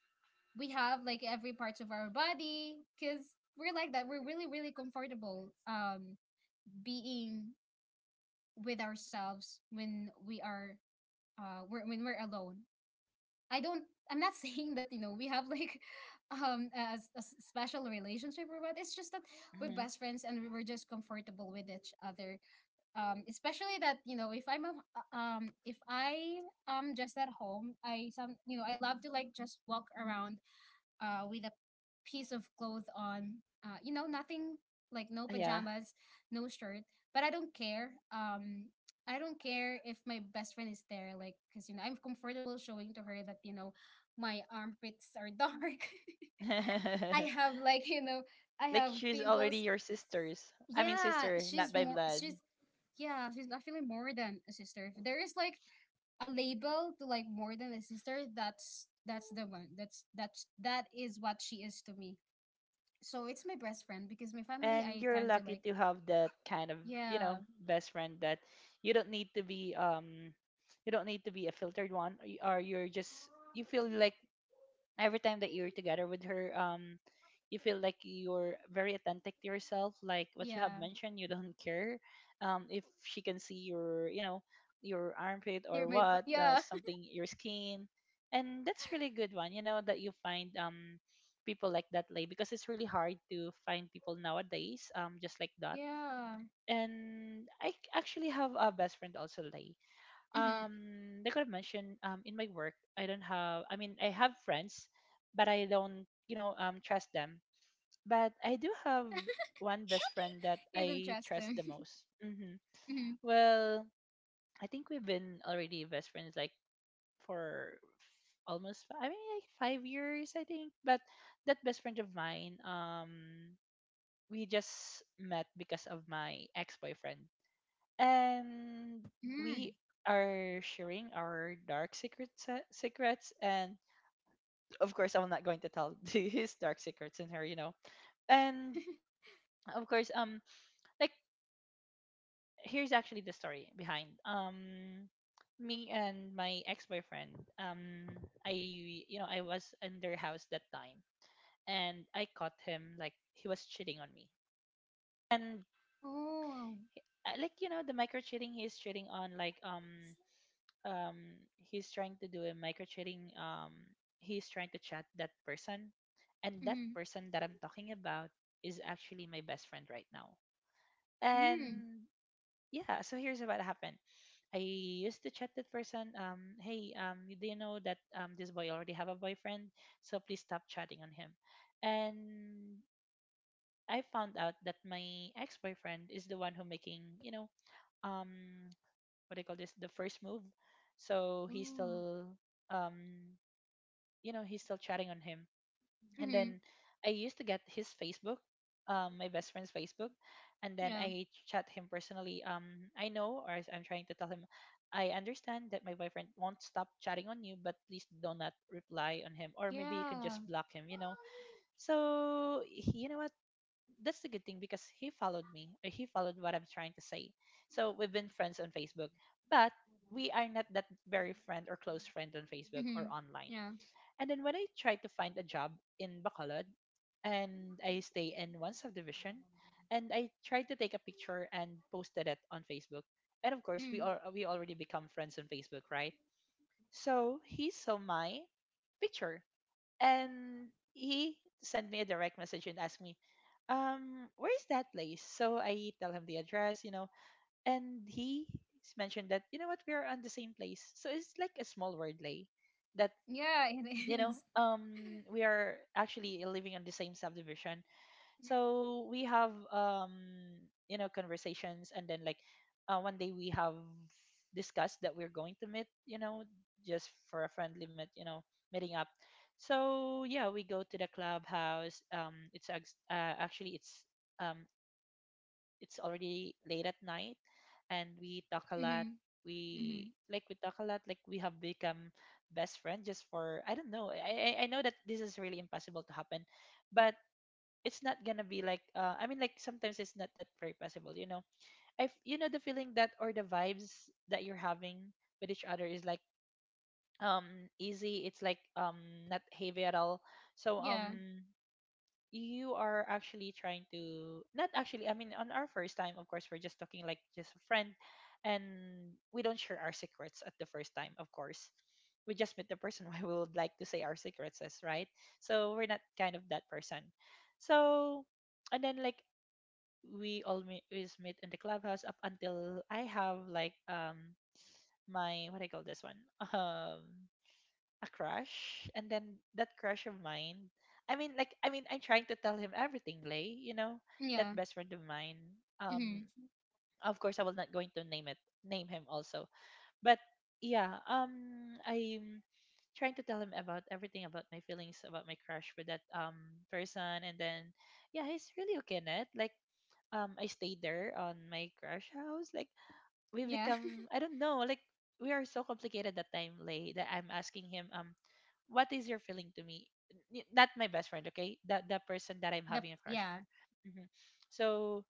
S1: we have like every parts of our body because we're like that. We're really really comfortable being with ourselves when when we're alone. i don't I'm not [laughs] saying that you know we have like [laughs] a special relationship or what. It's just that we're
S2: Mhm.
S1: best friends and we're just comfortable with each other. Especially that, you know, if I am just at home, I some you know, I love to like just walk around with a piece of clothes on. You know, nothing like, no
S2: Yeah.
S1: pajamas, no shirt. But I don't care. I don't care if my best friend is there. Like, because you know, I'm comfortable showing to her that, you know, my armpits are dark. [laughs] I
S2: [laughs]
S1: have, like, you know, I
S2: Like
S1: have
S2: she's already
S1: pimples.
S2: your sister's. I mean
S1: Yeah,
S2: sister, not
S1: she's
S2: by
S1: more
S2: blood.
S1: she's yeah, she's actually more than a sister. If there is like a label to like more than a sister, that's the one. That's that is what she is to me. So it's my best friend because my family
S2: And
S1: I
S2: you're
S1: tend to
S2: lucky
S1: like.
S2: to have that kind of, you
S1: Yeah,
S2: know, best friend that you don't need to be you don't need to be a filtered one, or or you're just, you feel like every time that you're together with her, you feel like you're very authentic to yourself, like what you
S1: yeah.
S2: have mentioned. You don't care if she can see your, you know, your armpit
S1: You're
S2: or
S1: my
S2: what,
S1: yeah. [laughs]
S2: something your skin. And that's really good one, you know, that you find people like that, Lay, because it's really hard to find people nowadays, just like that.
S1: Yeah.
S2: And actually have a best friend also, Lay.
S1: Mm-hmm.
S2: um like I mentioned, in my work I don't have, I mean I have friends, but I don't, you know, trust them. But I do have one best
S1: [laughs]
S2: friend that
S1: You don't
S2: I
S1: trust
S2: trust
S1: them.
S2: the most. Hmm,
S1: [laughs] Mm-hmm.
S2: well, I think we've been already best friends like for f- almost I mean like 5 years, I think. But that best friend of mine, we just met because of my ex-boyfriend, and we
S1: Mm.
S2: are sharing our dark secrets. And of course I'm not going to tell [laughs] his dark secrets in her, you know. And of course, like here's actually the story behind me and my ex-boyfriend. I, you know, I was in their house that time, and I caught him like he was cheating on me. And,
S1: Oh.
S2: like you know the micro cheating, he's cheating on, like, he's trying to do a micro trading, he's trying to chat that person, and that
S1: Mm.
S2: person that I'm talking about is actually my best friend right now.
S1: Mm.
S2: And yeah, so here's what happened. I used to chat that person, hey, do you know that this boy already have a boyfriend, so please stop chatting on him. And I found out that my ex-boyfriend is the one who making, you know, um what do you call this, the first move. So he's
S1: Oh.
S2: still, um you know, he's still chatting on him. And
S1: Mm.
S2: then I used to get his Facebook, my best friend's Facebook, and then
S1: Yeah.
S2: I chat him personally. I know, or I'm trying to tell him, I understand that my boyfriend won't stop chatting on you, but please do not reply on him, or maybe you can just
S1: Yeah.
S2: block him, you know. So you know what, that's the good thing, because he followed me, or he followed what I'm trying to say. So we've been friends on Facebook, but we are not that very friend or close friend on Facebook or
S1: Mm.
S2: online.
S1: Yeah.
S2: And then when I tried to find a job in Bacolod, and I stay in one subdivision, and I tried to take a picture and posted it on Facebook. And of course, we
S1: Mm.
S2: are, we already become friends on Facebook, right? So he saw my picture and he sent me a direct message and asked me, where's that place. So I tell him the address. And he mentioned that, you know what, we are on the same place, so it's like a small word, lay, that
S1: Yeah, it is.
S2: we are actually living on the same subdivision.
S1: [laughs]
S2: So we have, you know, conversations. And then like, one day we have discussed that we're going to meet, you know, just for a friendly meet, you know, meeting up. So yeah, we go to the clubhouse. Actually, um it's already late at night, and we talk a lot.
S1: Mm-hmm. Mm-hmm.
S2: We like, we talk a lot, like we have become best friends just for, I don't know, I know that this is really impossible to happen, but it's not gonna be like, I mean, like, sometimes it's not that very possible, you know. If you know the feeling that, or the vibes that you're having with each other is like, um easy, it's like not heavy at all. So
S1: Yeah.
S2: you are actually trying to not actually, I mean, on our first time, of course, we're just talking like just a friend. And we don't share our secrets at the first time. Of course, we just met the person. [laughs] Why we would like to say our secrets is right. So we're not kind of that person. So, and then like, we always meet in the clubhouse up until I have like, my, what do I call this one, [laughs] um a crush. And then that crush of mine, I mean like, I mean, I'm trying to tell him everything, lay, you know, that
S1: Yeah.
S2: best friend of mine. um
S1: Mm-hmm.
S2: of course, I was not going to name it, name him also. But yeah, I'm trying to tell him about everything, about my feelings, about my crush with that person. And then yeah, he's really okay, net like. I stayed there on my crush house, like we
S1: Yeah.
S2: become, I don't know, like we are so complicated that time, lay, that I'm asking him, what is your feeling to me? Not my best friend, okay? The person that I'm
S1: [laughs] The
S2: having a crush.
S1: Yeah.
S2: hmm So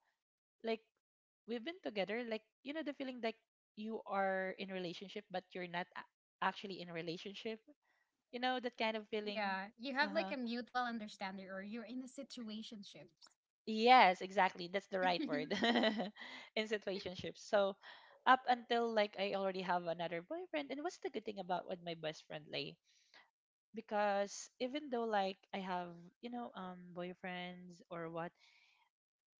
S2: like, we've been together, like, you know the feeling, like you are in relationship, but you're not actually in relationship. You know that kind of feeling.
S1: Yeah. You have
S2: Uh
S1: like
S2: huh.
S1: a mutual understanding, or you're in a situationship.
S2: Yes, exactly. That's the
S1: [laughs]
S2: right
S1: Wait,
S2: word, [laughs] in situationships. So up until like, I already have another boyfriend. And what's the good thing about with my best friend, Lay? Because even though like I have, you know, boyfriends or what,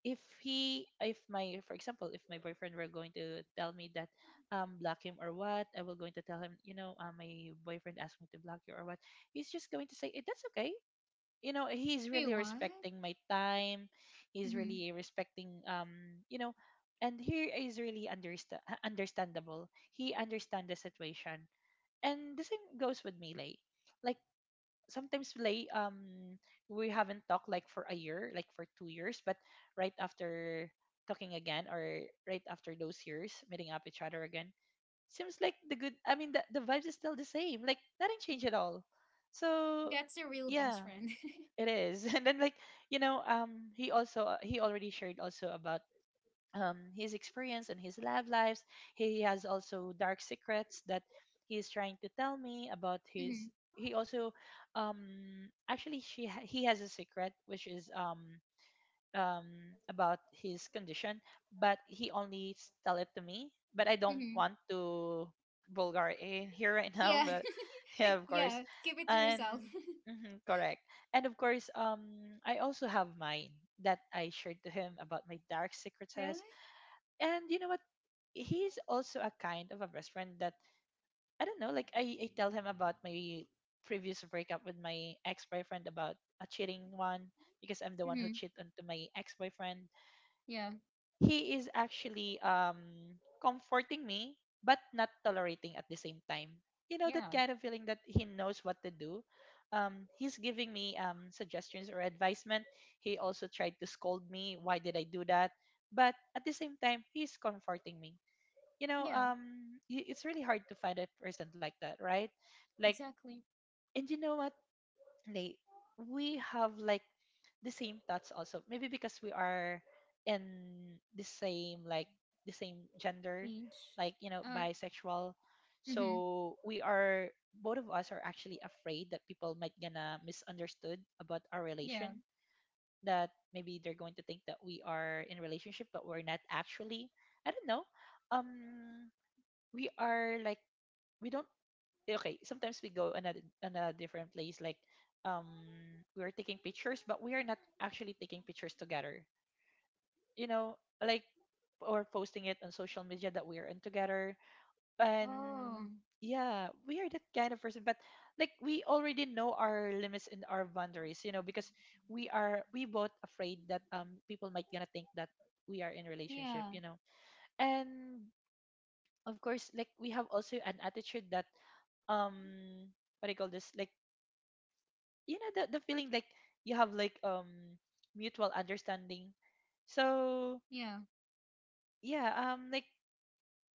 S2: if he, if my, for example, if my boyfriend were going to tell me that, block him or what, I will going to tell him, you know, my boyfriend asked me to block you or what. He's just going to say, eh, that's okay. You know, he's really
S1: what?
S2: respecting my time. He's
S1: Mm-hmm.
S2: really respecting, you know. And he is really understandable. He understands the situation. And the same goes with melee. Like sometimes, lay, we haven't talked like for a year, like for 2 years. But right after talking again, or right after those years meeting up each other again, seems like the good, I mean, the vibes is still the same, like nothing changed at all. So
S1: That's your real best
S2: yeah,
S1: friend.
S2: it is. [laughs] And then like, you know, he also, he already shared also about his experience and his love lives. He has also dark secrets that he is trying to tell me about
S1: [laughs] Mm-hmm.
S2: his. He also, actually, he has a secret which is about his condition. But he only tell it to me. But I don't
S1: Mm-hmm.
S2: want to vulgar in here right now.
S1: Yeah.
S2: But [laughs]
S1: [laughs]
S2: yeah, of course.
S1: Yeah. Keep it to yourself.
S2: And mhm, correct. And of course, I also have mine that I shared to him about my dark secrets.
S1: [laughs] Really?
S2: And you know what? He's also a kind of a best friend that, I don't know, like I tell him about my previous breakup with my ex boyfriend, about a cheating one, because I'm the
S1: Mm-hmm.
S2: one who cheated onto my ex boyfriend.
S1: Yeah.
S2: He is actually comforting me, but not tolerating at the same time. You know
S1: Yeah.
S2: that kind of feeling that he knows what to do. He's giving me suggestions or advisement. He also tried to scold me. Why did I do that? But at the same time, he's comforting me, you know.
S1: Yeah.
S2: It's really hard to find a person like that, right? Like,
S1: Exactly.
S2: and you know what, Nate, we have like the same thoughts also. Maybe because we are in the same, like the same gender,
S1: Age.
S2: like, you know,
S1: Uh,
S2: bisexual.
S1: mm-hmm.
S2: So we are, both of us are actually afraid that people might gonna misunderstood about our
S1: Yeah.
S2: relation. That maybe they're going to think that we are in a relationship, but we're not actually. I don't know. Um, we are like, we don't, eh, okay, sometimes we go on a different place, like, um we are taking pictures, but we are not actually taking pictures together, you know, like, or posting it on social media that we are in together. And
S1: Oh.
S2: yeah, we are that kind of person. But like, we already know our limits and our boundaries, you know, because we are, we both afraid that people might gonna think that we are in
S1: Yeah.
S2: relationship, you know. And of course, like, we have also an attitude that, um what do you call this, like, you know, the feeling like, you have like mutual understanding.
S1: Yeah.
S2: So yeah, like,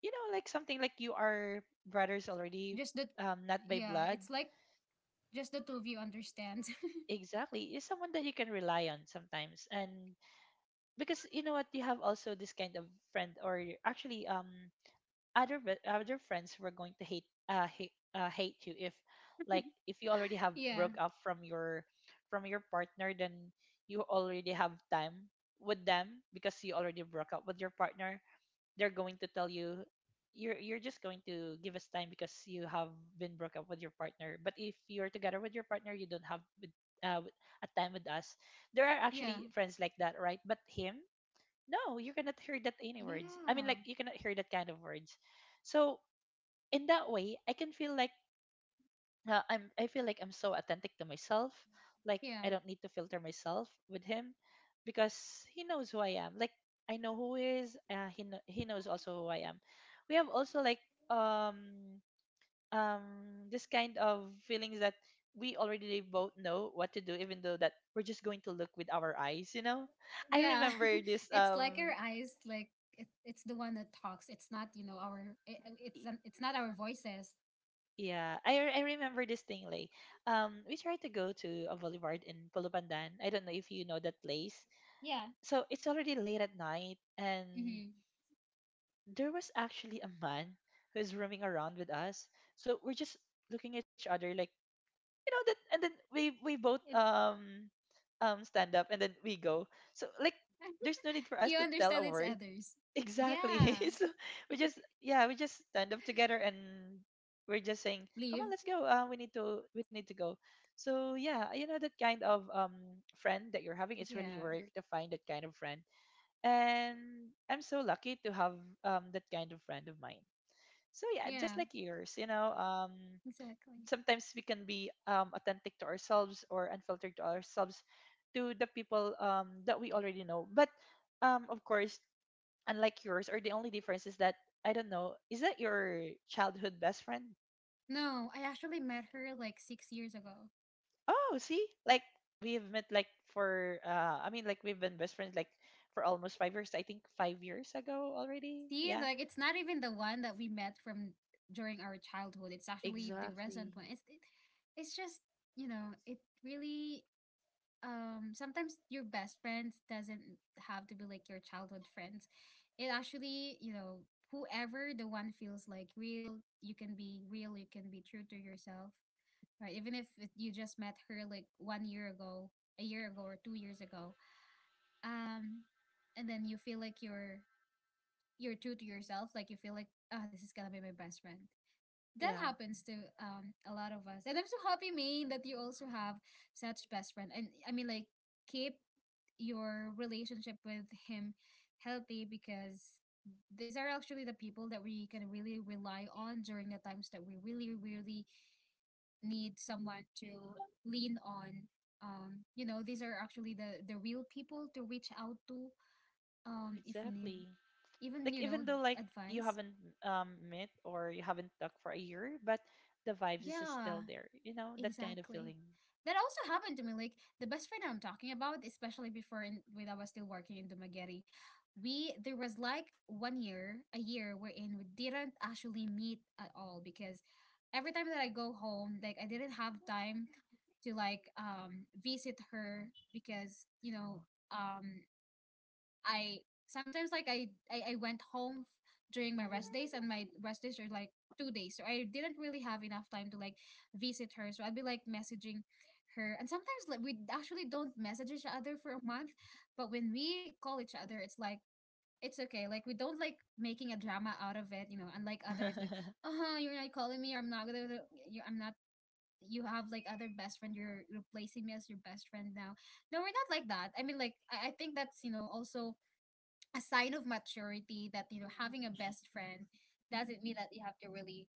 S2: you know, like something like you are brothers
S1: Just the
S2: already,
S1: Yeah,
S2: not by
S1: it's like
S2: blood.
S1: just the two of you understand.
S2: Exactly, is someone that you can rely on sometimes. And because, you know what, you have also this kind of friend, or actually other other friends who are going to hate, hate you if, like, if you
S1: [laughs]
S2: already have
S1: yeah,
S2: broke up from your, from your partner, then you already have time with them because you already broke up with your partner, they're going to tell you, you're just going to give us time because you have been broke up with your partner. But if you're together with your partner, you don't have with, uh, with- a time with us. There are
S1: yeah,
S2: actually friends like that, right? But him, no, you cannot hear that any words. I mean,
S1: yeah,
S2: like, you cannot hear that kind of words. So in that way, I can feel like, I'm, I feel like I'm so authentic to myself. Like
S1: yeah,
S2: I don't need to filter myself with him, because he knows who I am. Like I know who he is. He knows also who I am. We have also like um this kind of feelings that we already both know what to do, even though that we're just going to look with our eyes. You know, I
S1: yeah.
S2: remember this
S1: [laughs] It's like our eyes, like it's the one that talks. It's not, you know, our it's it's not our voices.
S2: Yeah, I remember this thing distinctly. We tried to go to a boulevard in Pulupandan. I don't know if you know that place.
S1: Yeah.
S2: So it's already late at night, and
S1: Mm-hmm.
S2: there was actually a man who's roaming around with us. So we're just looking at each other, like, you know that. And then we both
S1: It,
S2: stand up and then we go. So like, there's
S1: [laughs]
S2: no need for us
S1: you
S2: to tell a
S1: understand it's
S2: word.
S1: others.
S2: Exactly.
S1: Yeah.
S2: [laughs] So we just, yeah, we just stand up together, and we're just saying, "Come on,
S1: Leave.
S2: let's go. We need to go." So yeah, you know that kind of friend that you're having is really
S1: Yeah.
S2: rare to find that kind of friend. And I'm so lucky to have that kind of friend of mine. So yeah, just
S1: Yeah.
S2: like yours, you know,
S1: Exactly.
S2: sometimes we can be authentic to ourselves, or unfiltered to ourselves, to the people that we already know. But of course, unlike yours, or the only difference is that, I don't know, is that your childhood best friend?
S1: No, I actually met her like 6 years ago.
S2: Oh, see, like we've met like for, I mean like, we've been best friends like for almost 5 years. I think 5 years ago already.
S1: See,
S2: Yeah,
S1: like, it's not even the one that we met from during our childhood. It's actually the
S2: exactly.
S1: recent one. It's just, you know, it really, sometimes your best friends doesn't have to be like your childhood friends. It actually, you know, whoever the one feels like real, you can be real, you can be true to yourself, right? Even if you just met her like one year ago, a year ago or 2 years ago, um, and then you feel like, you're true to yourself. Like you feel like, ah, this is gonna be my best friend. That
S2: Yeah,
S1: happens to a lot of us, and I'm so happy, Maine, that you also have such best friend. And I mean, like, keep your relationship with him healthy because these are actually the people that we can really rely on during the times that we really really need someone to lean on. You know, these are actually the real people to reach out to if we need
S2: exactly.
S1: even,
S2: Like
S1: you know,
S2: even though like you
S1: advice.
S2: haven't met or you haven't talked for a year, but the vibes is still
S1: Yeah,
S2: there. You know that kind of
S1: exactly.
S2: feeling.
S1: That also happened to me. Like the best friend I'm talking about, especially before when I was still working in Dumaguete, we there was like one year, a year wherein we didn't actually meet at all because every time that I go home, like I didn't have time to like visit her because you know, um I sometimes like I went home, during my
S2: Mm-hmm.
S1: rest days, and my rest days are like 2 days, so I didn't really have enough time to like visit her. So I'd be like messaging her, and sometimes like we actually don't message each other for a month. But when we call each other, it's like it's okay. Like, we don't like making a drama out of it, you know, unlike others, like,
S2: [laughs]
S1: uh-huh, you're not calling me, I'm not gonna, you I'm not, you have like other best friend, you're replacing me as your best friend now. No, we're not like that. I mean, like, I think that's, you know, also a sign of maturity that, you know, having a best friend doesn't mean that you have to really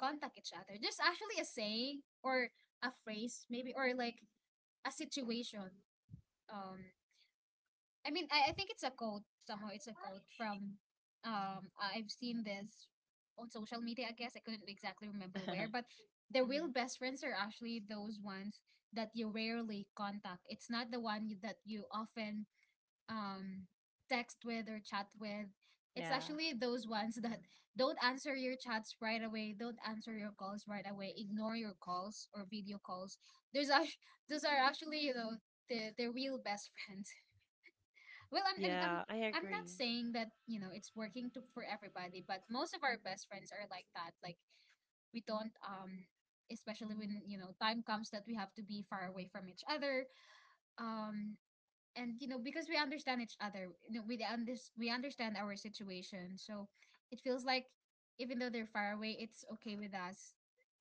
S1: contact each other. There's actually a saying or a phrase maybe or like a situation. Um, I mean, I think it's a quote somehow. It's a quote from I've seen this on social media. I guess I couldn't exactly remember where, but the
S2: Mm-hmm.
S1: real best friends are actually those ones that you rarely contact. It's not the one that you often um, text with or chat with. It's
S2: Yeah.
S1: actually those ones that don't answer your chats right away, don't answer your calls right away, ignore your calls or video calls. There's [laughs] those are actually, you know, the real best [laughs] friends. Well,
S2: Yeah, I
S1: I'm not
S2: agree.
S1: saying that, you know, it's working to, for everybody, but most of our best friends are like that. Like we don't especially when you know time comes that we have to be far away from each other um and you know because we understand each other, you know, we understand our situation, so it feels like even though they're far away it's okay with us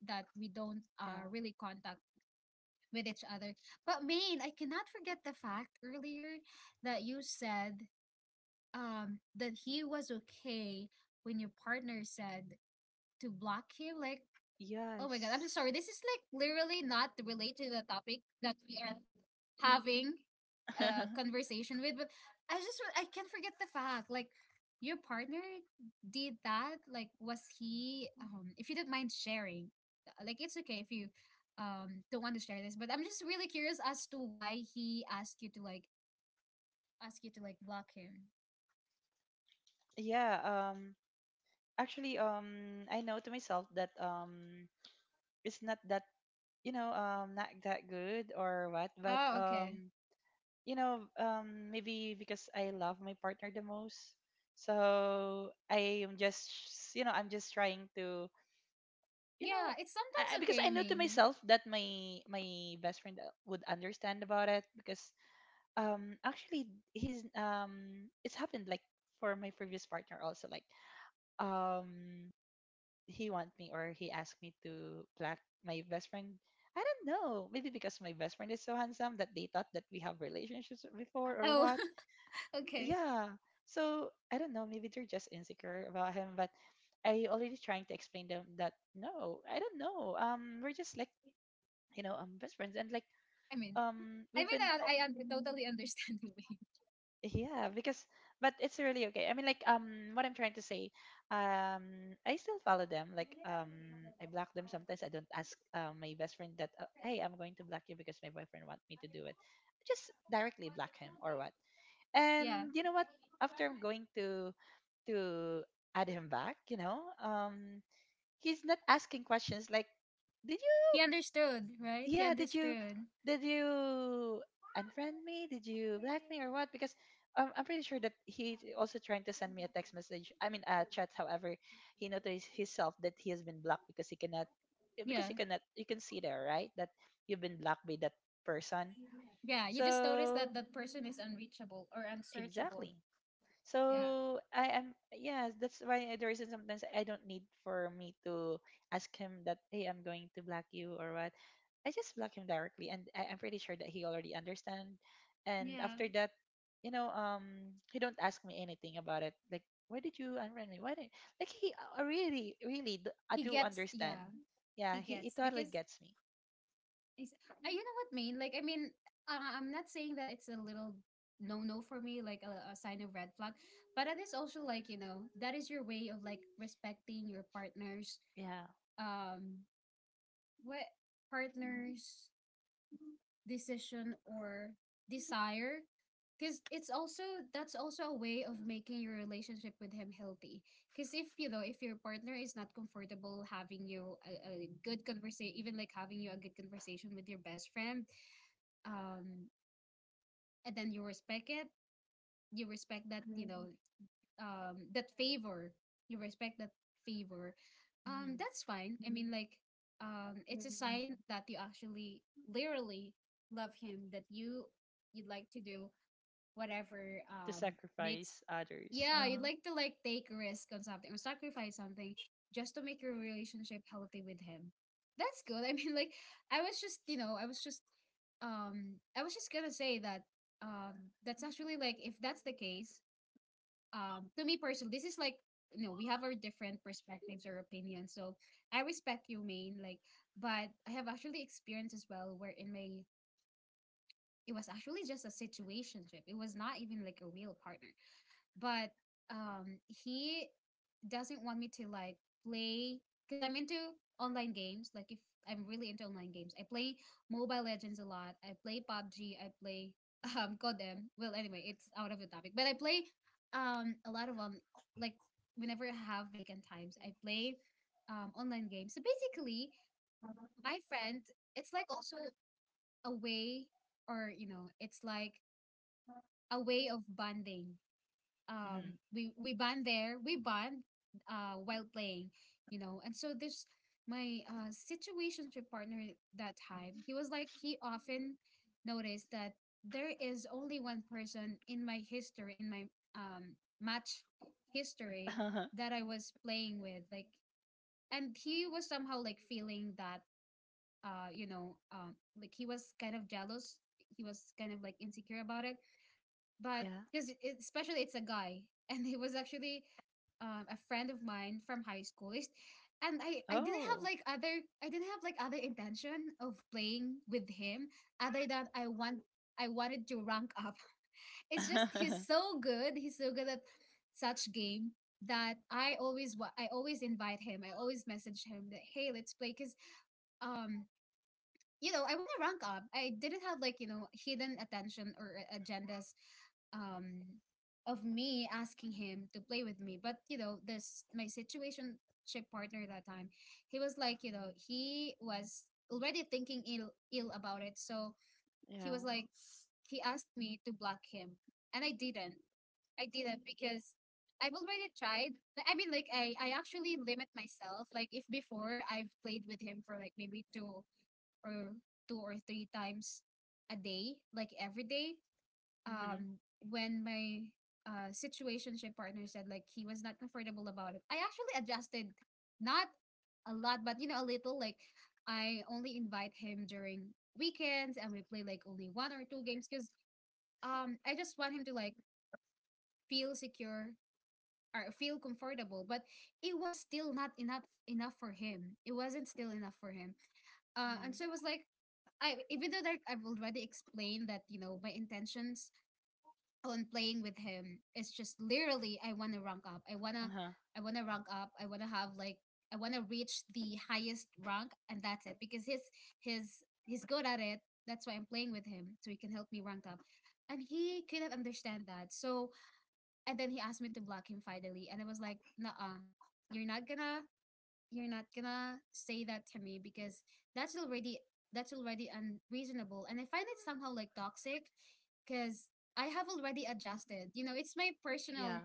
S1: that we don't
S2: Yeah.
S1: really contact with each other. But main, I cannot forget the fact earlier that you said that he was okay when your partner said to block him, like... Oh my god, I'm so
S2: Yes.
S1: sorry. This is like literally not related to the topic that we are having a
S2: [laughs]
S1: conversation with, but I just, I can't forget the fact, like, your partner did that. Like, was he? If you don't mind sharing, like, it's okay if you don't want to share this, but I'm just really curious as to why he asked you to like ask you to like block him.
S2: Yeah, actually, I know to myself that it's not that, you know, not that good or what, but
S1: Oh, okay.
S2: you know, maybe because I love my partner the most. So I am just you know, I'm just trying to, you know,
S1: Yeah, it's sometimes
S2: because I
S1: okay
S2: know to
S1: mainly.
S2: myself that my best friend, would understand about it, because actually, he's it's happened like for my previous partner also, like, um he want me, or he asked me to plaque my best friend. I don't know, maybe because my best friend is so handsome that they thought that we have relationships before or
S1: Oh,
S2: what.
S1: [laughs] okay.
S2: Yeah, so I don't know, maybe they're just insecure about him. But I already trying to explain them that no, I don't know, we're just like, you know, best friends, and like
S1: I mean, I
S2: we've
S1: mean,
S2: been,
S1: totally understand [laughs] the way.
S2: yeah, because, but it's really okay. I mean, like, what I'm trying to say, I still follow them, like I block them. Sometimes I don't ask, my best friend that, hey, I'm going to block you because my boyfriend want me to do it. I just directly block him or what.
S1: Yeah.
S2: And you know what, after, I'm going to add him back. You know, he's not asking questions like, did you,
S1: He understood, right? He
S2: yeah, did you
S1: understood.
S2: did you unfriend me? Did you black me or what? Because, I'm pretty sure that he also trying to send me a text message, I mean a chat. However, he noticed himself that he has been blocked, because he cannot, because
S1: Yeah.
S2: he cannot, you can see there, right, that you've been blocked by that person.
S1: Yeah. You just notice
S2: So,
S1: that that person is unreachable or unsearchable.
S2: exactly.
S1: Yeah.
S2: So I am, yes, that's why the reason sometimes I don't need for me to ask him that, hey, I'm going to block you or what. I just block him directly, and I'm pretty sure that he already understand. And
S1: Yeah.
S2: after that, you know, he don't ask me anything about it. Like, why did you unfriend me? Why did, like he, I
S1: He
S2: do
S1: gets,
S2: understand.
S1: yeah.
S2: Yeah,
S1: He
S2: he
S1: gets.
S2: totally
S1: Because
S2: gets me.
S1: is, you know what I mean? Like, I mean, I'm not saying that it's a little no no for me, like a sign of red flag, but it is also like, you know, that is your way of like respecting your partner's
S2: Yeah.
S1: um what, partner's decision or desire, because it's also, that's also a way of making your relationship with him healthy. Because if you know, if your partner is not comfortable having you a good conversation, even like having you a good conversation with your best friend, um and then you respect it, you respect that, you know, that favor, you respect that favor,
S2: Hmm.
S1: that's fine. I mean, like, it's a sign that you actually literally love him, that you, you'd like to do whatever
S2: To
S1: makes...
S2: sacrifice others.
S1: yeah, you'd
S2: Uh-huh.
S1: like to like take risk on something or sacrifice something just to make your relationship healthy with him. That's good. [laughs] I mean, like, I was just I was just gonna say that um that's actually like, if that's the case, to me personally this is like, you know, we have our different perspectives or opinions, so I respect you, main, like, but I have actually experienced as well where in my... it was actually just a situationship, it was not even like a real partner, but he doesn't want me to like play because I'm into online games. Like, if I'm really into online games, I play Mobile Legends a lot. I play PUBG. I play [laughs] Codem. Well, anyway, it's out of the topic. But I play a lot of like whenever I have vacant times, I play online games. So basically, my friend, it's like also a way, or you know, it's like a way of bonding. We bond there, we bond while playing, you know. And so this, my situationship partner at that time, he was like, he often noticed that there is only one person in my history, in my um match history,
S2: Mm-hmm.
S1: that I was playing with, like, and he was somehow like feeling that, you know, like he was kind of jealous, he was kind of like insecure about it. But
S2: [laughs] Yeah.
S1: because it, especially it's a guy, [laughs] and he was actually a friend of mine from high school. It's- and I didn't have
S2: Oh.
S1: like other, I didn't have like other intention of playing with him other than I want, I wanted to rank up. [laughs] It's just he's
S2: [laughs]
S1: so good, he's so good at such game that I always I always invite him, I always message him that hey let's play because um you know, I want to rank up. I didn't have like, you know, hidden attention or agendas um of me asking him to play with me. But, you know, this my situation ship partner that time, he was like, you know, he was already thinking ill about it. So he was
S2: Yeah.
S1: like, he asked me to block him. And I didn't. I didn't because I've already tried. Like, I mean, like I actually limit myself. Like if before I've played with him for like maybe two or two or three times a day, like every day.
S2: Mm-hmm.
S1: Um, when my situationship partner said like he was not comfortable about it, I actually adjusted, not a lot, but you know a little. Like I only invite him during weekends, and we play like only one or two games because I just want him to like feel secure or feel comfortable, but it was still not enough for him, it wasn't still enough for him.
S2: Mm-hmm.
S1: And so it was like, I, even though that I've already explained that, you know, my intentions on playing with him is just literally I want to rank up, I want to,
S2: Uh-huh.
S1: I want to rank up, I want to have like, I want to reach the highest rank, and that's it, because his, he's good at it, that's why I'm playing with him, so he can help me rank up, and he couldn't understand that. So and then he asked me to block him finally, and I was like, "Nah, you're not gonna, you're not gonna say that to me because that's already, that's already unreasonable." And I find it somehow like toxic, because I have already adjusted. You know,
S2: Yeah.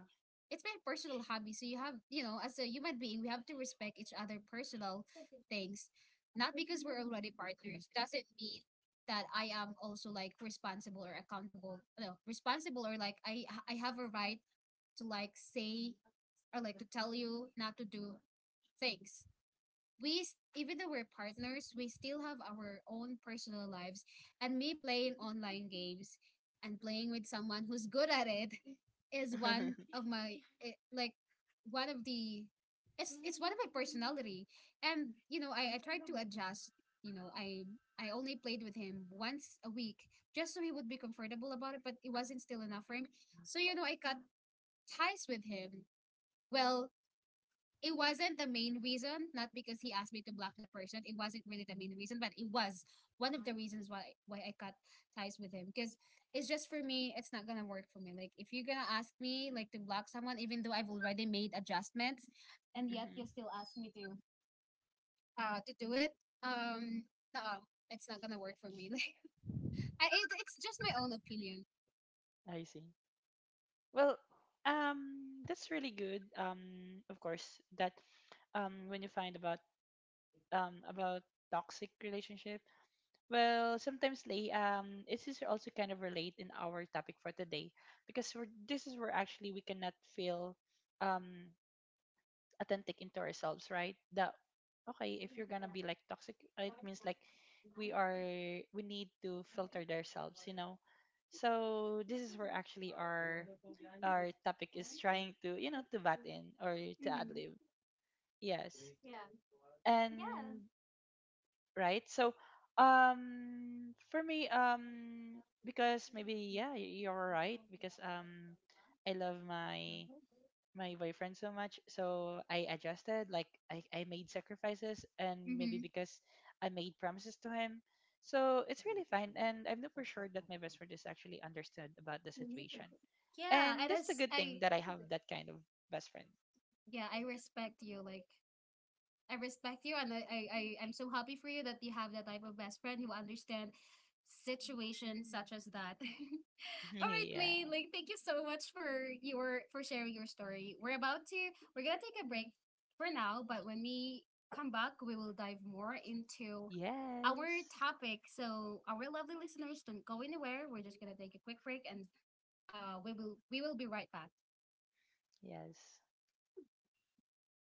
S1: it's my personal hobby. So you have, you know, as a human being, we have to respect each other personal things. Not because we're already partners doesn't mean that I am also like responsible or accountable. No, responsible or like I have a right to like say or like to tell you not to do things. We, even though we're partners, we still have our own personal lives. And me playing online games and playing with someone who's good at it [laughs] is
S2: [laughs] Mm-hmm.
S1: one of my like one of the, it's one of my personality. And you know, I tried to adjust. You know, I only played with him once a week just so he would be comfortable about it, but it wasn't still enough for him. So you know, I cut ties with him. Well, it wasn't the main reason, not because he asked me to block the person. It wasn't really the main reason, but it was one of the reasons why I cut ties with him. Because it's just, for me, it's not gonna work for me. Like if you're gonna ask me like to block someone, even though I've already made adjustments, and yet you still ask me to do it, um, no, it's not gonna work for me. [laughs] Like I, it, it's just my own opinion.
S2: I see. Well, that's really good. Of course, that when you find about toxic relationship, well, sometimes, Lay, this is also kind of relate in our topic for today, because we're, this is where actually we cannot feel um authentic into ourselves, right? That, okay, if you're gonna be like toxic, it means like we are, we need to filter ourselves, you know. So this is where actually our topic is trying to, you know, to bat in or to ad lib. Yes, and right. So for me, because, maybe, yeah, you're right, because I love my boyfriend so much. So I adjusted, like, I made sacrifices. And maybe
S1: Mm-hmm.
S2: because I made promises to him. So it's really fine. And I'm not for sure that my best friend is actually understood about the situation.
S1: Yeah,
S2: And
S1: and
S2: that's the
S1: as
S2: good thing
S1: I...
S2: that I have that kind of best friend.
S1: yeah, I respect you, like, I respect you, and I'm so happy for you that you have that type of best friend who understand situations such as that. [laughs] All right,
S2: [laughs]
S1: May,
S2: Yeah.
S1: like thank you so much for your, for sharing your story. We're about to, we're gonna take a break for now, but when we come back, we will dive more into our
S2: Yes.
S1: topic. So our lovely listeners, don't go anywhere. We're just gonna take a quick break, and we will, we will be right back.
S2: Yes.